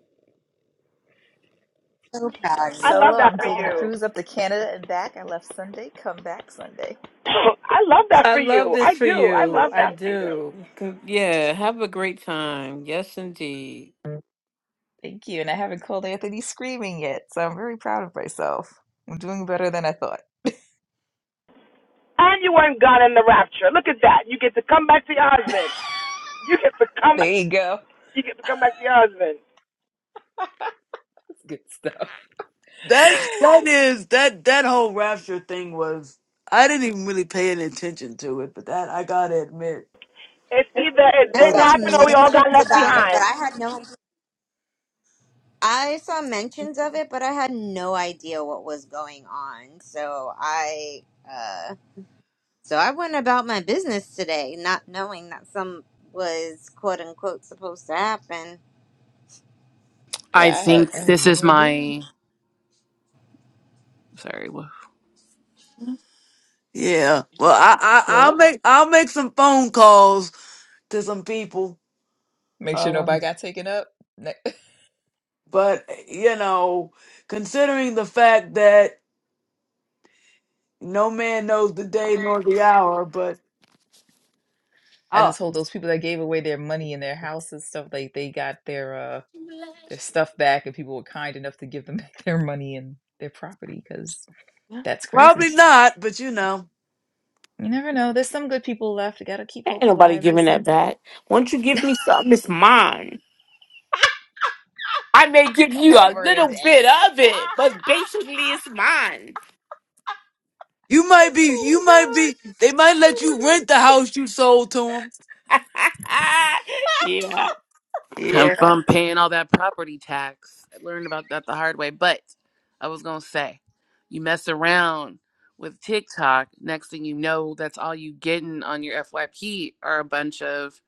So
I'm
proud of
I
you.
love
solo.
that
I'm
for
taking a
you.
cruise up to Canada and back. I left Sunday, come back Sunday.
I love that
I
for
love
you.
this
I
for
do. I
you.
love
I
that for you.
do. Con- Yeah, have a great time. Yes, indeed.
Thank you. And I haven't called Anthony screaming yet, so I'm very proud of myself. I'm doing better than I thought.
And you weren't gone in the rapture. Look at that. You get to come back to your husband. You get to come.
There you go.
You get to come back to your husband.
Good stuff.
That that is that that whole rapture thing was I didn't even really pay any attention to it, but that I gotta admit
It's either it
I
was
didn't
not
saw
happen or we all got
mentions
left
about it, but
behind.
I had no I saw mentions of it, but I had no idea what was going on. So I, uh, so I went about my business today, not knowing that some was quote unquote supposed to happen.
I
Yeah, I had
think
I had
this
no
is
idea.
my sorry. wha-
yeah.
Sh-
Well, I, I I'll
Sheila,
make I'll make some phone calls to some people,
make sure
uh,
nobody got taken up. Ne-
but you know, considering the fact that no man knows the day nor the hour, but
I
I'll,
just hope those people that gave away their money and their houses stuff, like they got their uh their stuff back, and people were kind enough to give them back their money and their property, because that's crazy.
probably not. But you know,
You never know. There's some good people left. You gotta keep
Ain't
hope
nobody
alive. There's
giving that
some.
back. Once you give me something, it's mine. I may give
Come
you
on,
a little
Bernadette.
bit of it,
Ah,
but
ah,
basically
ah.
it's mine.
you might be
Oh
you
my
might
God.
be they might let
Oh
you rent the house you sold to
yeah.
I'm
Yeah.
from paying all that property tax. I learned about that the hard way. But I was gonna say, you mess around with TikTok. Next thing you know, that's all you getting on your FYP are a bunch of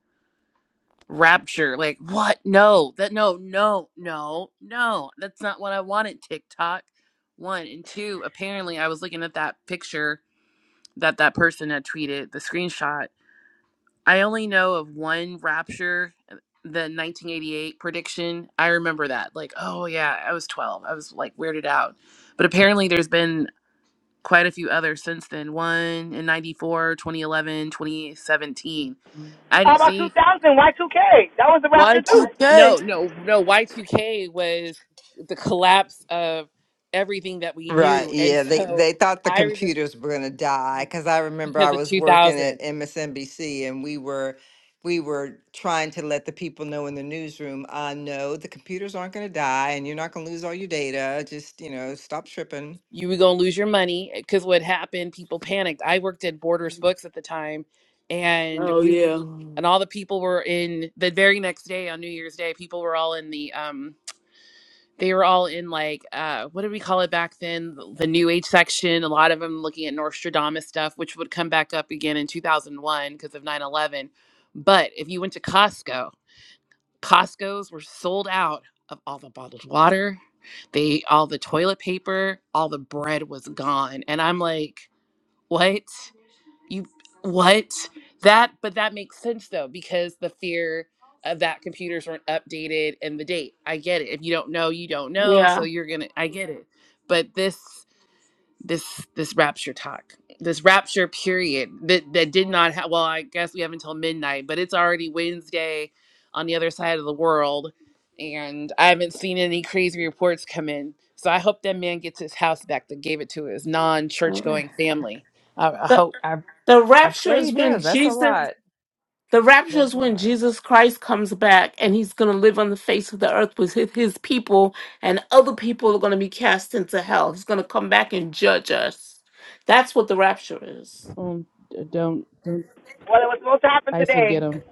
rapture. Like what? No, that no, no, no, no. That's not what I wanted. TikTok. One and two. Apparently, I was looking at that picture that that person had tweeted the screenshot I only know of one Rapture, uh, the 1988 prediction. I remember that. Like, oh yeah, I was 12. I was like weirded out. But apparently there's been quite a few others since then. One in 94, 2011, 2017.
them.
I
How
didn't
about
see.
2000 Y2K? That was the rapture too.
Y2K.
No, no, no. Y2K was the collapse of everything that we
Right,
knew. And
yeah, they
so
they thought the
I remember
computers were gonna die because I remember
because
I
of
was working
2000.
at MSNBC and we were we were trying to let the people know in the newsroom, uh, no, the computers aren't gonna die and you're not gonna lose all your data. Just you know, stop tripping.
you were going to lose your money because what happened people panicked i worked at borders books at the time and
Oh
we were
yeah,
and all the people were in the very next day on new year's day people were all in the um they were all in like uh what did we call it back then the, the new age section a lot of them looking at nostradamus stuff which would come back up again in 2001 because of 9-11 but if you went to costco Costco's were sold out of all the bottled water. They all the toilet paper, all the bread was gone. And I'm like, what? You what? That but that makes sense though, because the fear of that computers weren't updated and the date. I get it. If you don't know, you don't know.
Yeah.
So you're gonna I get it. But this this this rapture talk this rapture period that that did not have well i guess we have until midnight but it's already wednesday on the other side of the world and i haven't seen any crazy reports come in so i hope that man gets his house back that gave it to his non-church
my
Mhm.
God.
going family i, I
The
hope
I
the
I
rapture
pray he
is when
does. That's a
Jesus
lot.
the rapture
That's
is
a
when
lot.
Jesus Christ comes back and he's gonna live on the face of the earth with his, his people and other people are gonna be cast into hell. He's gonna come back and judge us. That's what the rapture is.
um, d- don't don't
Well, it was supposed to happen
ice will get
today.
him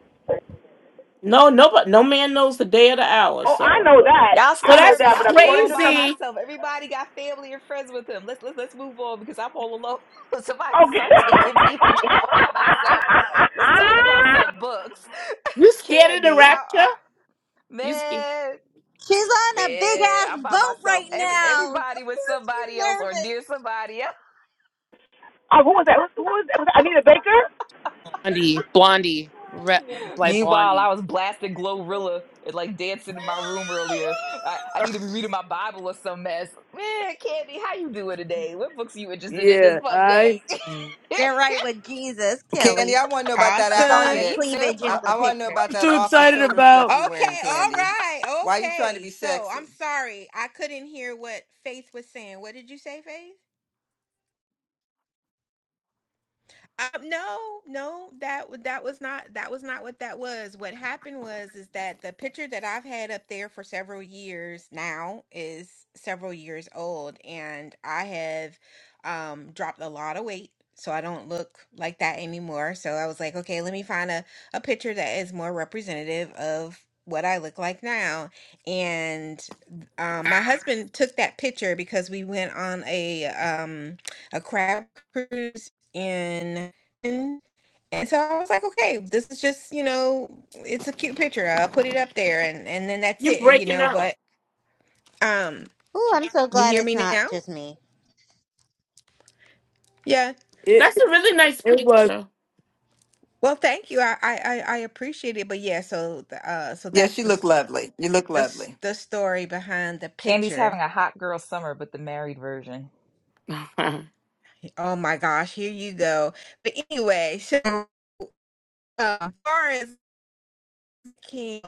No, no, but no man knows the day or the hour.
Oh, I
So,
know that.
Y'all
so
I know
scaring
that's
that.
me.
But
I'm here
according
all
to
by
some
crazy.
myself. Everybody got family and friends with them. Let's let's let's move on because I'm all alone. Somebody
Okay.
start taking people. I'm all by myself. Let's talk about some books.
You scared of the
Candy, how
rapture?
are
You sca-
man?
She's on a big
Man,
ass
I'm by
boat
myself.
right
Every
now. Of
everybody with
course she's
somebody else or
nervous.
near somebody else.
oh, who was that? Who was that? Was that Anita Baker?
blondie blondie re- like
Meanwhile,
blondie
I was blasting Glorilla and like dancing in my room earlier. I, I need to be reading my Bible or some mess. Man, Candy, how you doing today? What books are you interested in this
yeah.
pub
I
day?
was
Get right with Jesus,
Candy,
Kelly,
I want to know about
with
that
all
I
Awesome.
your
need
outfit.
to.
cleavage
I,
in the
I want to know
picture.
about that
too
off the
excited
shoulder stuff
about
you wearing,
Okay, all
Candy.
right.
Why are you trying to
Okay.
be
So I'm
sexy?
sorry. I couldn't hear what Faith was saying. What did you say, Faith? Uh, no, no, that w- that was not that was not what that was. What happened was is that the picture that I've had up there for several years now is several years old, and I have um, dropped a lot of weight, so I don't look like that anymore. So I was like, okay, let me find a a picture that is more representative of what I look like now. And um, my husband took that picture because we went on a um a crab cruise in and and so I was like, okay, this is just, you know, it's a cute picture. I'll put it up there and and then that's
you
it, you
breaking
know,
up?
but um
Ooh, I'm so
you
glad
hear
it's
me
not
now?
just me.
Yeah.
it.
That's a really nice
It was
picture.
Well, thank you. I I I I appreciate it, but yeah, so the- uh so
Yes,
that's
you
the
look
s-
lovely. You look
the, s-
lovely.
the story behind the
Candy's
picture.
having a hot girl summer, but the married version.
Oh my gosh, here you go. But anyway, so uh, as far as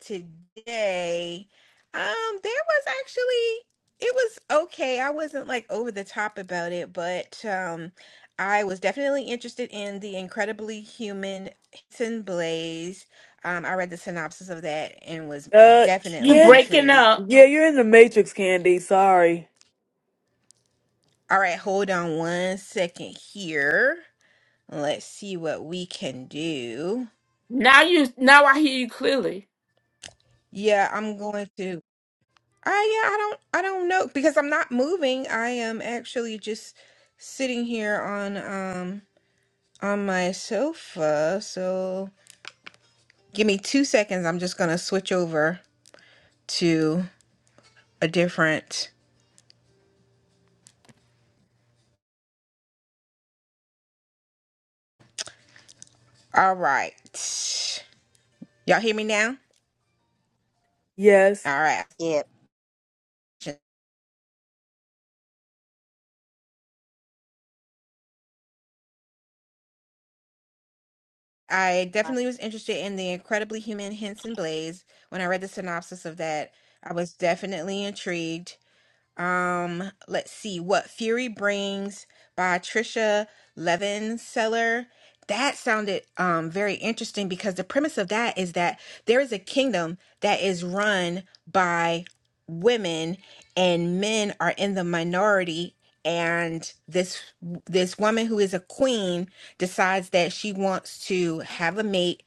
today. Um, there was actually it was okay. I wasn't like over the top about it, but um I was definitely interested in the incredibly human Hinton Blaze. Um, I read the synopsis of that and was
uh,
you
definitely
Candy.
breaking
intrigued.
up?
Yeah, you're in the Matrix, Candy. Sorry.
All right, hold on one second here. Let's see what we can do.
Now you now I hear you clearly.
Yeah, I'm going to. I yeah, I don't I don't know because I'm not moving. I am actually just sitting here on um on my sofa. So give me 2 seconds. I'm just going to switch over to a different All right. Y'all hear me now?
Yes.
All right.
Yep,
I definitely was interested in the incredibly human Henson Blaze when I read the synopsis of that. I was definitely intrigued Um, let's see what Fury brings by Trisha Levenseller. That sounded um very interesting because the premise of that is that there is a kingdom that is run by women and men are in the minority and this this woman who is a queen decides that she wants to have a mate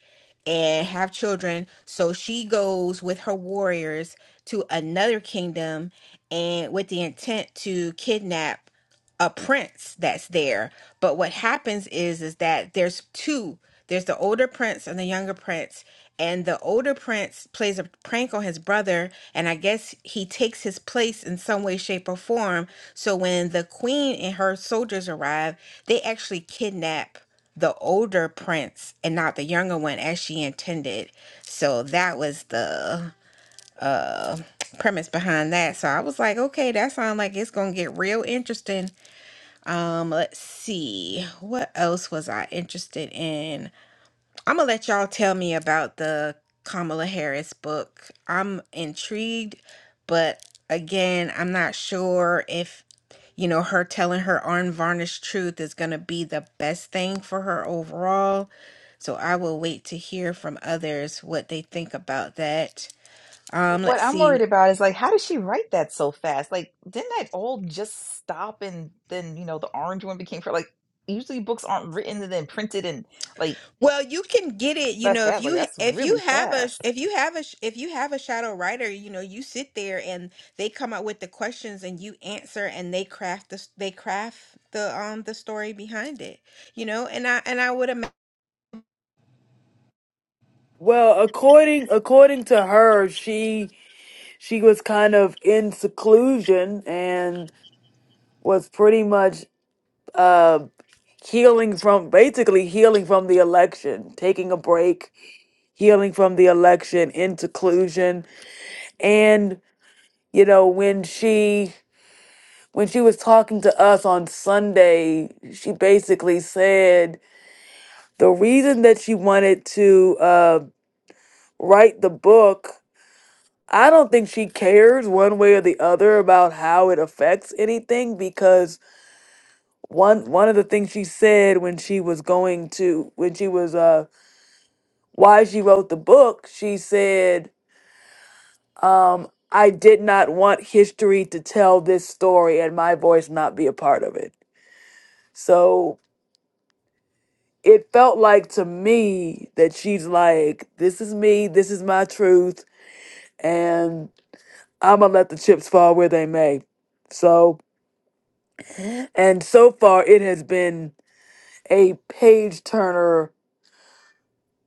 and have children so she goes with her warriors to another kingdom and with the intent to kidnap a prince that's there. But what happens is is that there's two. There's the older prince and the younger prince. And the older prince plays a prank on his brother, and I guess he takes his place in some way, shape, or form. So when the queen and her soldiers arrive, they actually kidnap the older prince and not the younger one as she intended. So that was the uh, premise behind that. So I was like, okay, that sounds like it's gonna get real interesting. Um, let's see, what else was I interested in? I'm gonna let y'all tell me about the Kamala Harris book. I'm intrigued, but again, I'm not sure if you know her telling her unvarnished truth is gonna be the best thing for her overall. So I will wait to hear from others what they think about that. Um,
What
let's
I'm
see.
worried about is like, how did she write that so fast? Like, didn't that all just stop and then you know the orange one became for like usually books aren't written and then printed and like
Well, you can get it, you
that
know, if
fast. Like
you
that's
if you
really
have a
fast.
if you have a if you have a shadow writer, you know, you sit there and they come up with the questions and you answer and they craft the they craft the um the story behind it, you know, and I and I would imagine.
Well, according according to her, she she was kind of in seclusion and was pretty much uh healing from basically healing from the election, taking a break, healing from the election in seclusion, and you know when she when she was talking to us on Sunday, she basically said the reason that she wanted to uh, write the book, I don't think she cares one way or the other about how it affects anything because one one of the things she said when she was going to when she was uh why she wrote the book, she said, um, I did not want history to tell this story and my voice not be a part of it. So it felt like to me that she's like, this is me, this is my truth, and I'm gonna let the chips fall where they may. So, and so far, it has been a page turner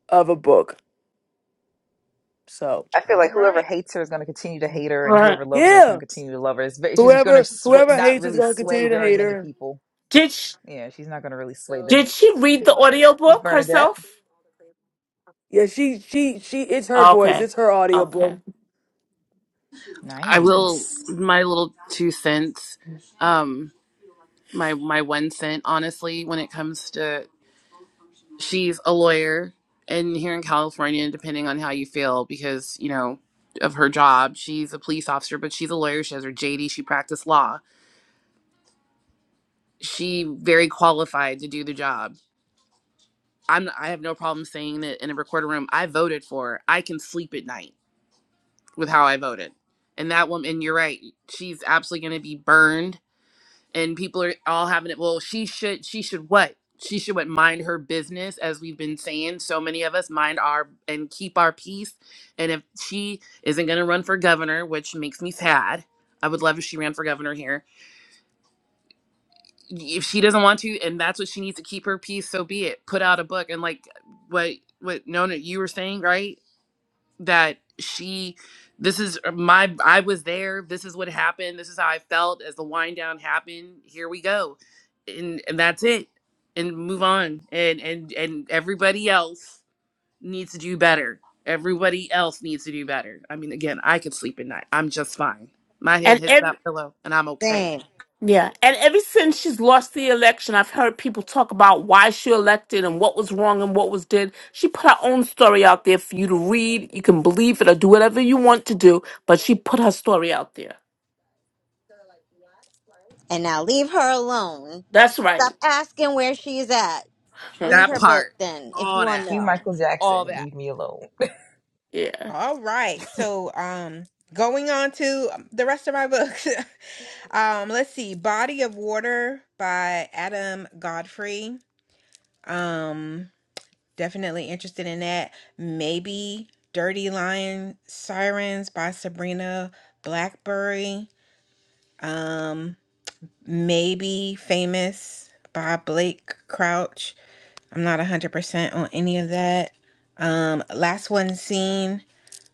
of a book. So,
I feel
All
like whoever
right,
hates her is going to continue to hate her, and
Right.
whoever loves her is going
yeah,
to continue to love her. It's, ve- she's going to
whoever
sw-
whoever
not
hates is
really
gonna
sway
continue to
very
hate
many
her.
people.
Did she,
Yeah, she's not going to really sway the.
did
It
she read the audiobook
Bernadette.
herself?
Yeah, she she she. It's her voice.
Okay,
It's her
okay.
audiobook.
i will
Nice.
my little two cents Um. my my one cent honestly when it comes to she's a lawyer and here in California depending on how you feel because you know of her job she's a police officer but she's a lawyer she has her JD she practiced law she very qualified to do the job I'm I have no problem saying that in a recorder room I voted for her. I can sleep at night with how I voted and that woman and you're right she's absolutely going to be burned and people are all having it well she should she should what she should what mind her business as we've been saying so many of us mind our and keep our peace and if she isn't going to run for governor which makes me sad i would love if she ran for governor here if she doesn't want to and that's what she needs to keep her peace so be it put out a book and like what what nona you were saying right that she this is uh, my I was there. This is what happened. This is how I felt as the wind down happened. Here we go. And and that's it. And move on. And and and everybody else needs to do better. Everybody else needs to do better. I mean again, I could sleep at night. I'm just fine. My head
And
hits
ev-
that pillow and I'm okay.
same.
Yeah, and ever since she's lost the election, I've heard people talk about why she elected and what was wrong and what was did. She put her own story out there for you to read. You can believe it or do whatever you want to do, but she put her story out there.
And now leave her alone.
That's
Stop
right.
asking where she's at. Read
That
her book
part.
then, if you
All
want to
that.
You,
know.
Michael
All
Jackson,
that.
leave me alone.
yeah,
all right. So, um, going on to um, the rest of my books, um, let's see, Body of Water by Adam Godfrey. Um. Definitely interested in that. Maybe Dirty Lion Sirens by Sabrina Blackberry. Um, maybe Famous by Blake Crouch. I'm not 100% on any of that. Um, Last One Seen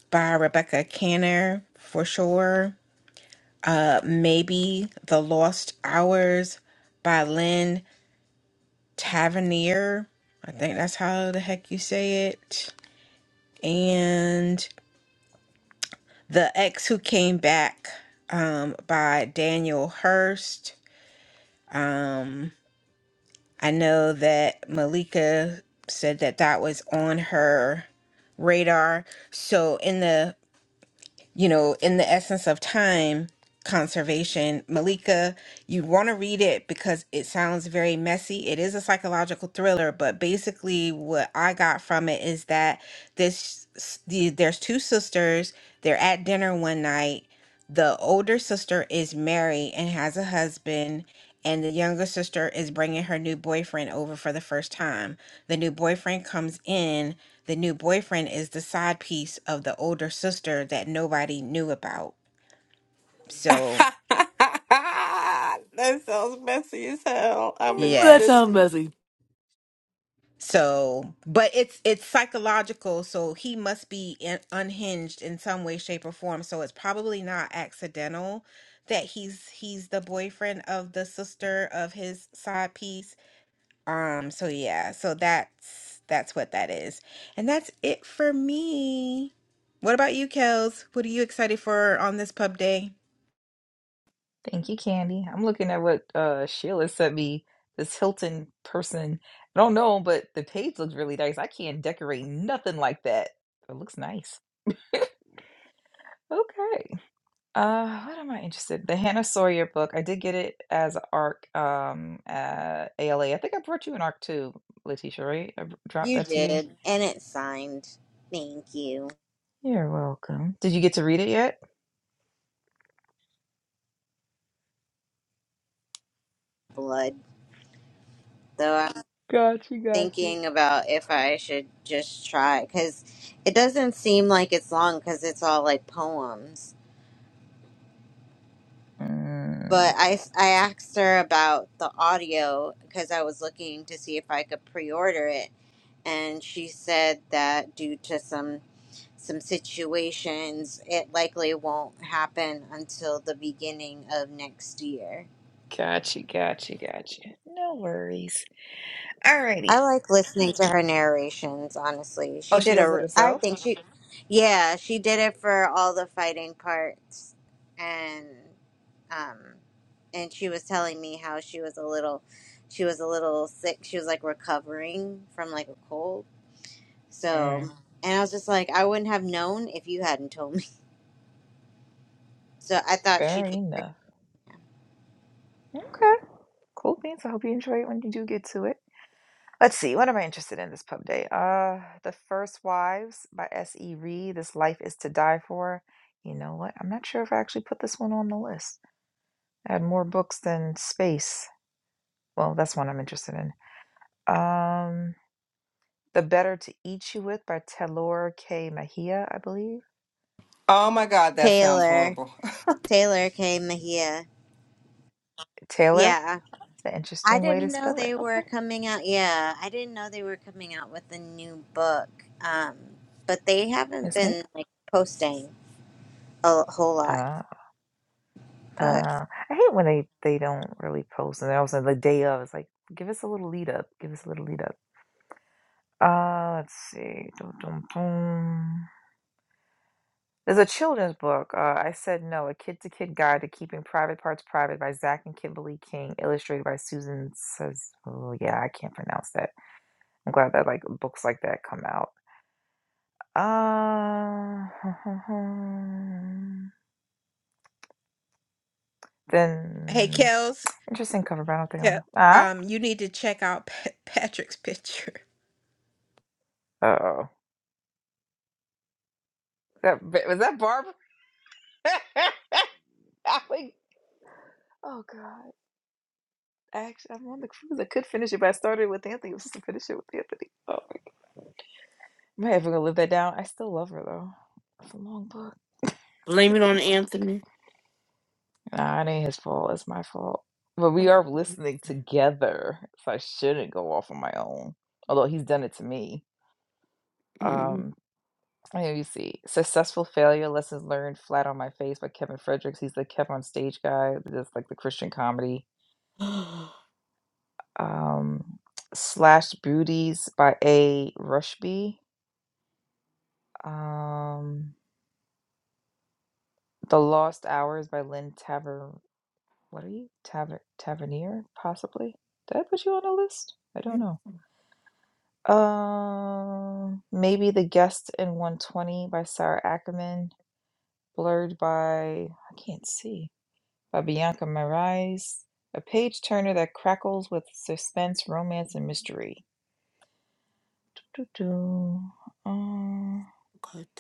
by Rebecca Canner for sure. Uh, maybe The Lost Hours by Lynn Tavernier. I think that's how the heck you say it. And The Ex Who Came Back um, by Daniel Hurst. Um, I know that Malika said that that was on her radar. So in the you know, in the essence of time conservation, Malika, you want to read it because it sounds very messy. It is a psychological thriller, but basically what I got from it is that this s- the, there's two sisters, they're at dinner one night. The older sister is married and has a husband, and the younger sister is bringing her new boyfriend over for the first time. The new boyfriend comes in the new boyfriend is the side piece of the older sister that nobody knew about. So,
that sounds messy as hell. I'm in
Ooh, that
yes.
sounds
stitches.
messy.
So, but it's it's psychological, so he must be in, unhinged in some way shape or form. So it's probably not accidental that he's he's the boyfriend of the sister of his side piece. Um so yeah, so that's that's what that is. And that's it for me. What about you, Kels? What are you excited for on this pub day?
Thank you, Candy. I'm looking at what uh, Sheila sent me. This Hilton person. I don't know, but the page looks really nice. I can't decorate nothing like that. It looks nice. Okay. Uh, what am I interested? The Hannah Sawyer book. I did get it as an ARC um at ALA. I think I brought you an ARC too, Letitia, right? I b- dropped
You
that to you.
did, and it's signed. Thank you,
You're welcome. Did you get to read it yet?
blood. Though I'm
Gotcha, gotcha.
thinking about if I should just try, because it doesn't seem like it's long, because it's all like poems. But
Mm,
I, s- I asked her about the audio, because I was looking to see if I could pre order it, and she said that due to some some situations, it likely won't happen until the beginning of next year.
gotcha, gotcha, gotcha. No worries. Alrighty.
I like listening to her narrations, honestly.
Oh,
She
she
did a,
does it
r- I
herself?
think she, yeah, she did it for all the fighting parts. And, um, and she was telling me how she was a little, she was a little sick. She was like recovering from like a cold. So,
Mm,
and I was just like, I wouldn't have known if you hadn't told me. So I thought she
fair
did.
enough. Okay. Cool beans. I hope you enjoy it when you do get to it. Let's see, what am I interested in this pub day? Uh, The First Wives by S.E. Reed. This Life is to Die For. You know what? I'm not sure if I actually put this one on the list. I had more books than space. Well, that's one I'm interested in. Um, The Better to Eat You With by Taylor K. Mahia, I believe.
Oh my God, that sounds
Taylor.
horrible.
Taylor K, here.
Taylor.
Yeah.
It's an
I
interesting way
didn't
to
know
spell it.
they were
Okay,
coming out. Yeah, I didn't know they were coming out with a new book. Um, but they haven't
it's me.
been like posting a whole lot.
Uh,
But
uh, I hate when they they don't really post, and then all of a sudden the day of, it's like, give us a little lead up, give us a little lead up. Uh, let's see. Dum, dum, dum. There's a children's book. Uh, I said no. A kid to kid guide to keeping private parts private by Zach and Kimberly King, illustrated by Susan says. Oh yeah, I can't pronounce that. I'm glad that like books like that come out. Uh,
Hey,
then
Kels,
interesting cover, but I don't think I want
yeah,
to. Ah,
um, you need to check out Pat Patrick's picture.
uh, oh, that was that Barb. Like, oh god. Actually, I'm on the cruise. I could finish it, but I started with Anthony. I was supposed to finish it with Anthony. Oh, my god! am I ever gonna live that down. I still love her though. It's a long book.
blame
It's a Very
it on
long book.
Anthony.
Nah, it ain't his fault. It's my fault. But we are listening together, so I shouldn't go off on my own. Although he's done it to me.
Mm.
Um, here you see successful failure lessons learned flat on my face by Kevin Fredericks. He's the Kevin on stage guy, just like the Christian comedy.
God,
um, Slash Beauties by A. Rushby, um, The Lost Hours by Lynn Taver. What are you? Taver- Tavernier, possibly? Did I put you on a list? I don't know. Um, maybe The Guest in 120 by Sarah Ackerman, blurred by, I can't see, by Bianca Marais. A page turner that crackles with suspense, romance, and mystery. Doo-doo. Uh,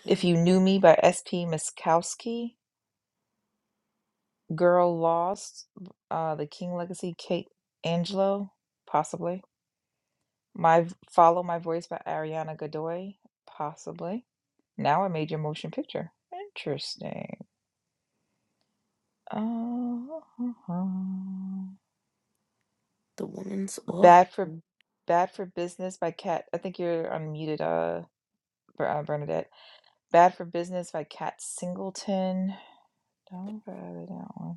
If You Knew Me by S.P. Miskowski, Girl Lost, uh, The King Legacy, Kate Angelo, possibly. My Follow My Voice by Ariana Godoy, possibly. Now I Made Your Motion Picture. Interesting. Uh,
the woman's off.
Bad for Bad for Business by Cat. I think you're unmuted, uh, Ber- uh, Bernadette. Bernadette. Bernadette. Bad for Business by Cat Singleton. Don't go to that one.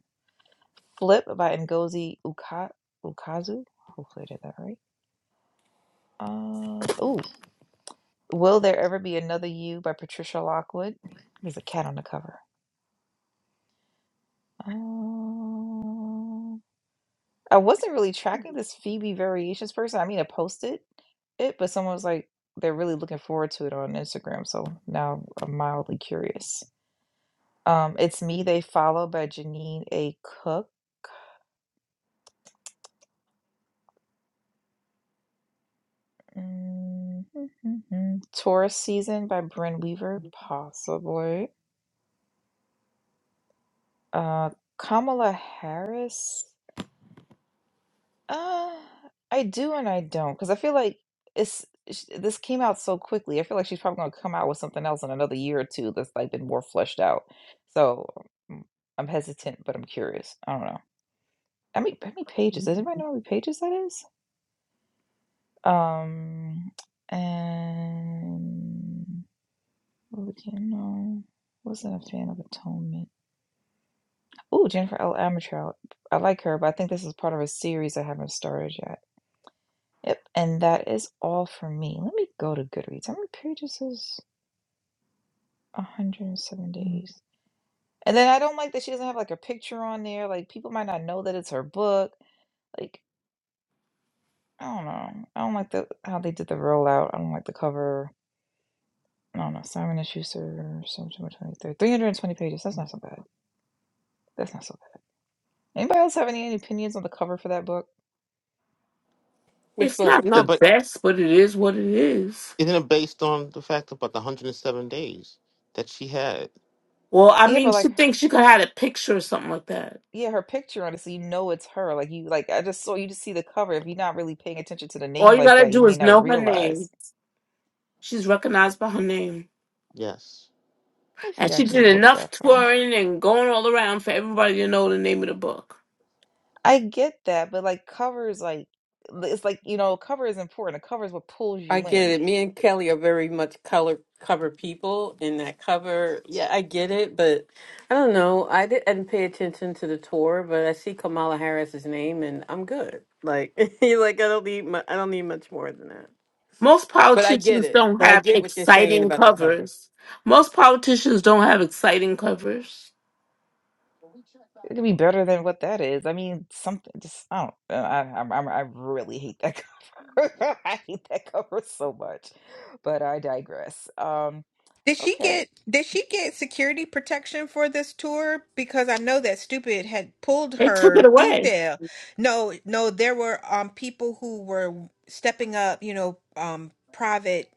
Flip by Ngozi Uka- Ukazu. Hopefully I did that right. Uh, oh. Will There Ever Be Another You by Patricia Lockwood. There's a cat on the cover. Um, I wasn't really tracking this Phoebe Variations person. I mean, I posted it, but someone was like, they're really looking forward to it on Instagram. So now I'm mildly curious. Um, it's Me They Follow by Janine A. Cook. Mm, Taurus Season by Bryn Weaver, possibly. Uh, Kamala Harris. Uh, I do and I don't because I feel like it's sh- this came out so quickly. I feel like she's probably going to come out with something else in another year or two that's like been more fleshed out. So mm, I'm hesitant, but I'm curious. I don't know. I mean, how many pages? Does anybody know how many pages that is? Um, and Overton, no. Wasn't a fan of Atonement. Oh, Jennifer L. Amatrell. I like her, but I think this is part of a series I haven't started yet. Yep, and that is all for me. Let me go to Goodreads. How many pages is 107 days? And then I don't like that she doesn't have like a picture on there. Like people might not know that it's her book. Like I don't know. I don't like the how they did the rollout. I don't like the cover. I don't know. Simon and Schuster, September 23rd. 320 pages. That's not so bad. That's not so bad. Anybody else have any, any opinions on the cover for that book?
Which
It's
book?
not
No,
the
but
best, but it is what it is.
isn't it based on the fact about the 107 days that she had?
Well, I
Yeah,
mean,
but
she
like,
thinks she could have had a picture or something like that.
yeah, her picture on it, so you know it's her. Like you, like I just saw you just see the cover. If you're not really paying attention to the
All
name
you
like
gotta
that, you
do
may
is know
not
her name.
realize
She's recognized by her name.
Yes.
if you
And she
actually
did
look
enough
that far.
touring and going all around for everybody to know the name of the book.
I get that, but like covers, like it's like you know, cover is important. A cover is what pulls you
I get
in.
it. Me and Kelly are very much color cover people, and that cover, yeah, I get it, but I don't know. I didn't, I didn't pay attention to the tour, but I see Kamala Harris's name, and I'm good. Like, like I don't need, mu- I don't need much more than that.
Most
But I get
politicians
it.
don't
But I
have
get what you're saying
exciting
about the cover.
covers. Most politicians don't have exciting covers.
It could be better than what that is. I mean, something just I don't. I I, I, I really hate that cover. I hate that cover so much. But I digress. Um.
Did she
Okay.
get did she get security protection for this tour? Because I know that stupid had pulled
They took it
her
away.
detail. No, no, there were um people who were stepping up, you know, um private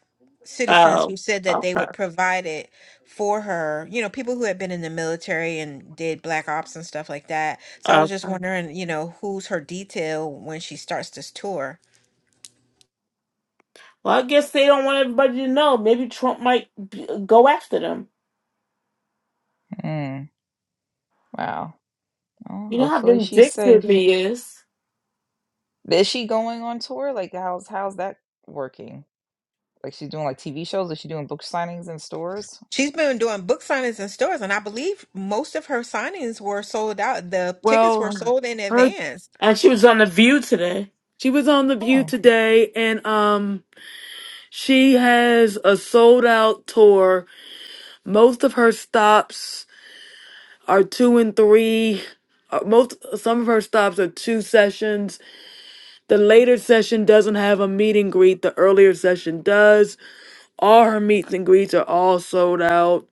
citizens
Oh,
who said that they
okay.
would provide it for her. You know, people who had been in the military and did black ops and stuff like that. So I was
okay.
just
Well,
wondering, you know, who's her detail when she starts this tour.
I guess they don't want everybody to know. Maybe Trump might b- go after them.
Mm, wow. Oh,
You know how
hopefully she's
vindictive
safe.
he is.
But Is she going on tour? Like how's how's that working? Like she's doing like TV shows? Is she doing book signings in stores?
She's been doing book signings in stores, and I believe most of her signings were sold out. The tickets were
Well,
sold in
her
advance.
and she was on the View today.
she was on the View
Oh,
today, and um. She has a sold out tour. Most of her stops are two and three. uh, Most some of her stops are two sessions. The later session doesn't have a meet and greet. The earlier session does. All her meets and greets are all sold out.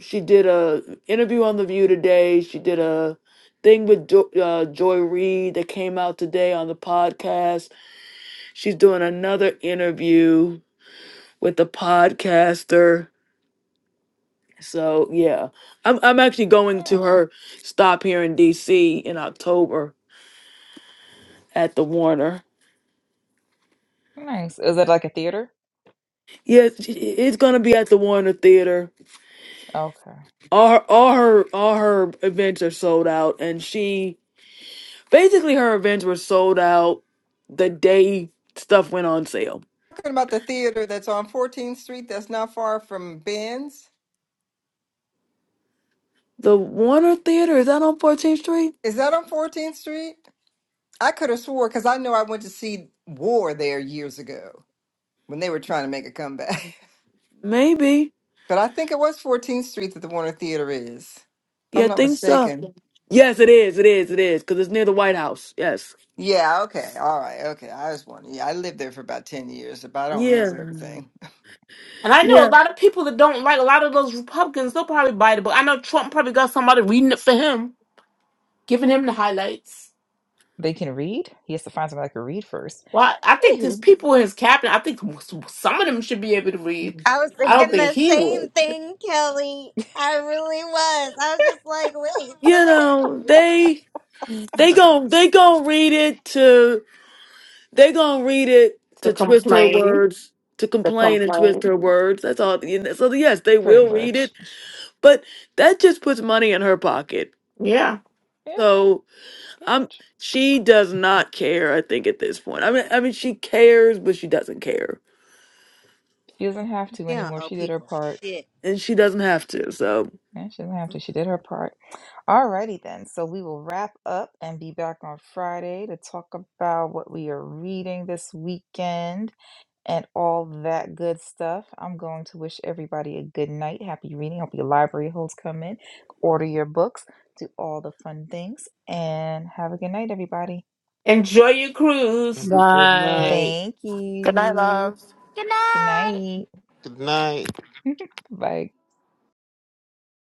She did a interview on the View today. She did a thing with jo- uh, Joy Reid that came out today on the podcast. She's doing another interview with the podcaster. So yeah, I'm I'm actually going
huh,
to her stop here in D.C. in October at the Warner.
nice. Is it like a theater?
Yeah, it's it's gonna be at the Warner Theater.
Okay.
All her, all her all her events are sold out, and she basically her events were sold out the day stuff went on sale.
talking about the theater that's on 14th Street that's not far from Ben's.
The Warner Theater is that on 14th Street?
Is that on 14th Street? I could have swore because I know I went to see War there years ago when they were trying to make a comeback.
Maybe.
But I think it was 14th Street that the Warner Theater is, if
Yeah, I
I'm not
think so.
mistaken.
Yes, it is. It is. It is because it's near the White House. Yes.
Yeah, okay. All right. Okay. I was wondering. Yeah, I lived there for about 10 years, but I don't
Yeah.
remember everything.
And I know a
Yeah.
lot of people that don't like a lot of those Republicans. They'll probably buy the book. I know Trump probably got somebody reading it for him, giving him the highlights.
They can read? He has to find somebody that can read first.
Well, I I think there's
Anywho,
people in his cabinet. I think some of them should be able to read.
I was
I don't
thinking
think
the
he
same
would
thing, Kelly. I really was. I was just like, wait,
You
somebody.
know they. They gon' they gon' read it to they gon' read it
to
to twist her
complain.
words to
To
complain and twist
complain,
her words. That's all. and So yes, they
pretty
will read it,
much.
but that just puts money in her pocket.
yeah.
Yeah,
So
pretty
I'm
much.
she does not care. I think at this point. I mean, I mean she cares, but she doesn't care,
She doesn't have to
You don't
anymore.
owe
She did her
people
part.
shit.
and she doesn't have
She,
to. So.
Yeah, she doesn't have to. She did her part. Alrighty then. So we will wrap up and be back on Friday to talk about what we are reading this weekend and all that good stuff. I'm going to wish everybody a good night. Happy reading. Hope your library holds come in. Order your books. Do all the fun things. And have a good night, everybody.
Enjoy your cruise.
Have a good
Bye.
night.
Thank
Good night,
you.
loves. Good
Good
night.
night.
Good night.
Bye.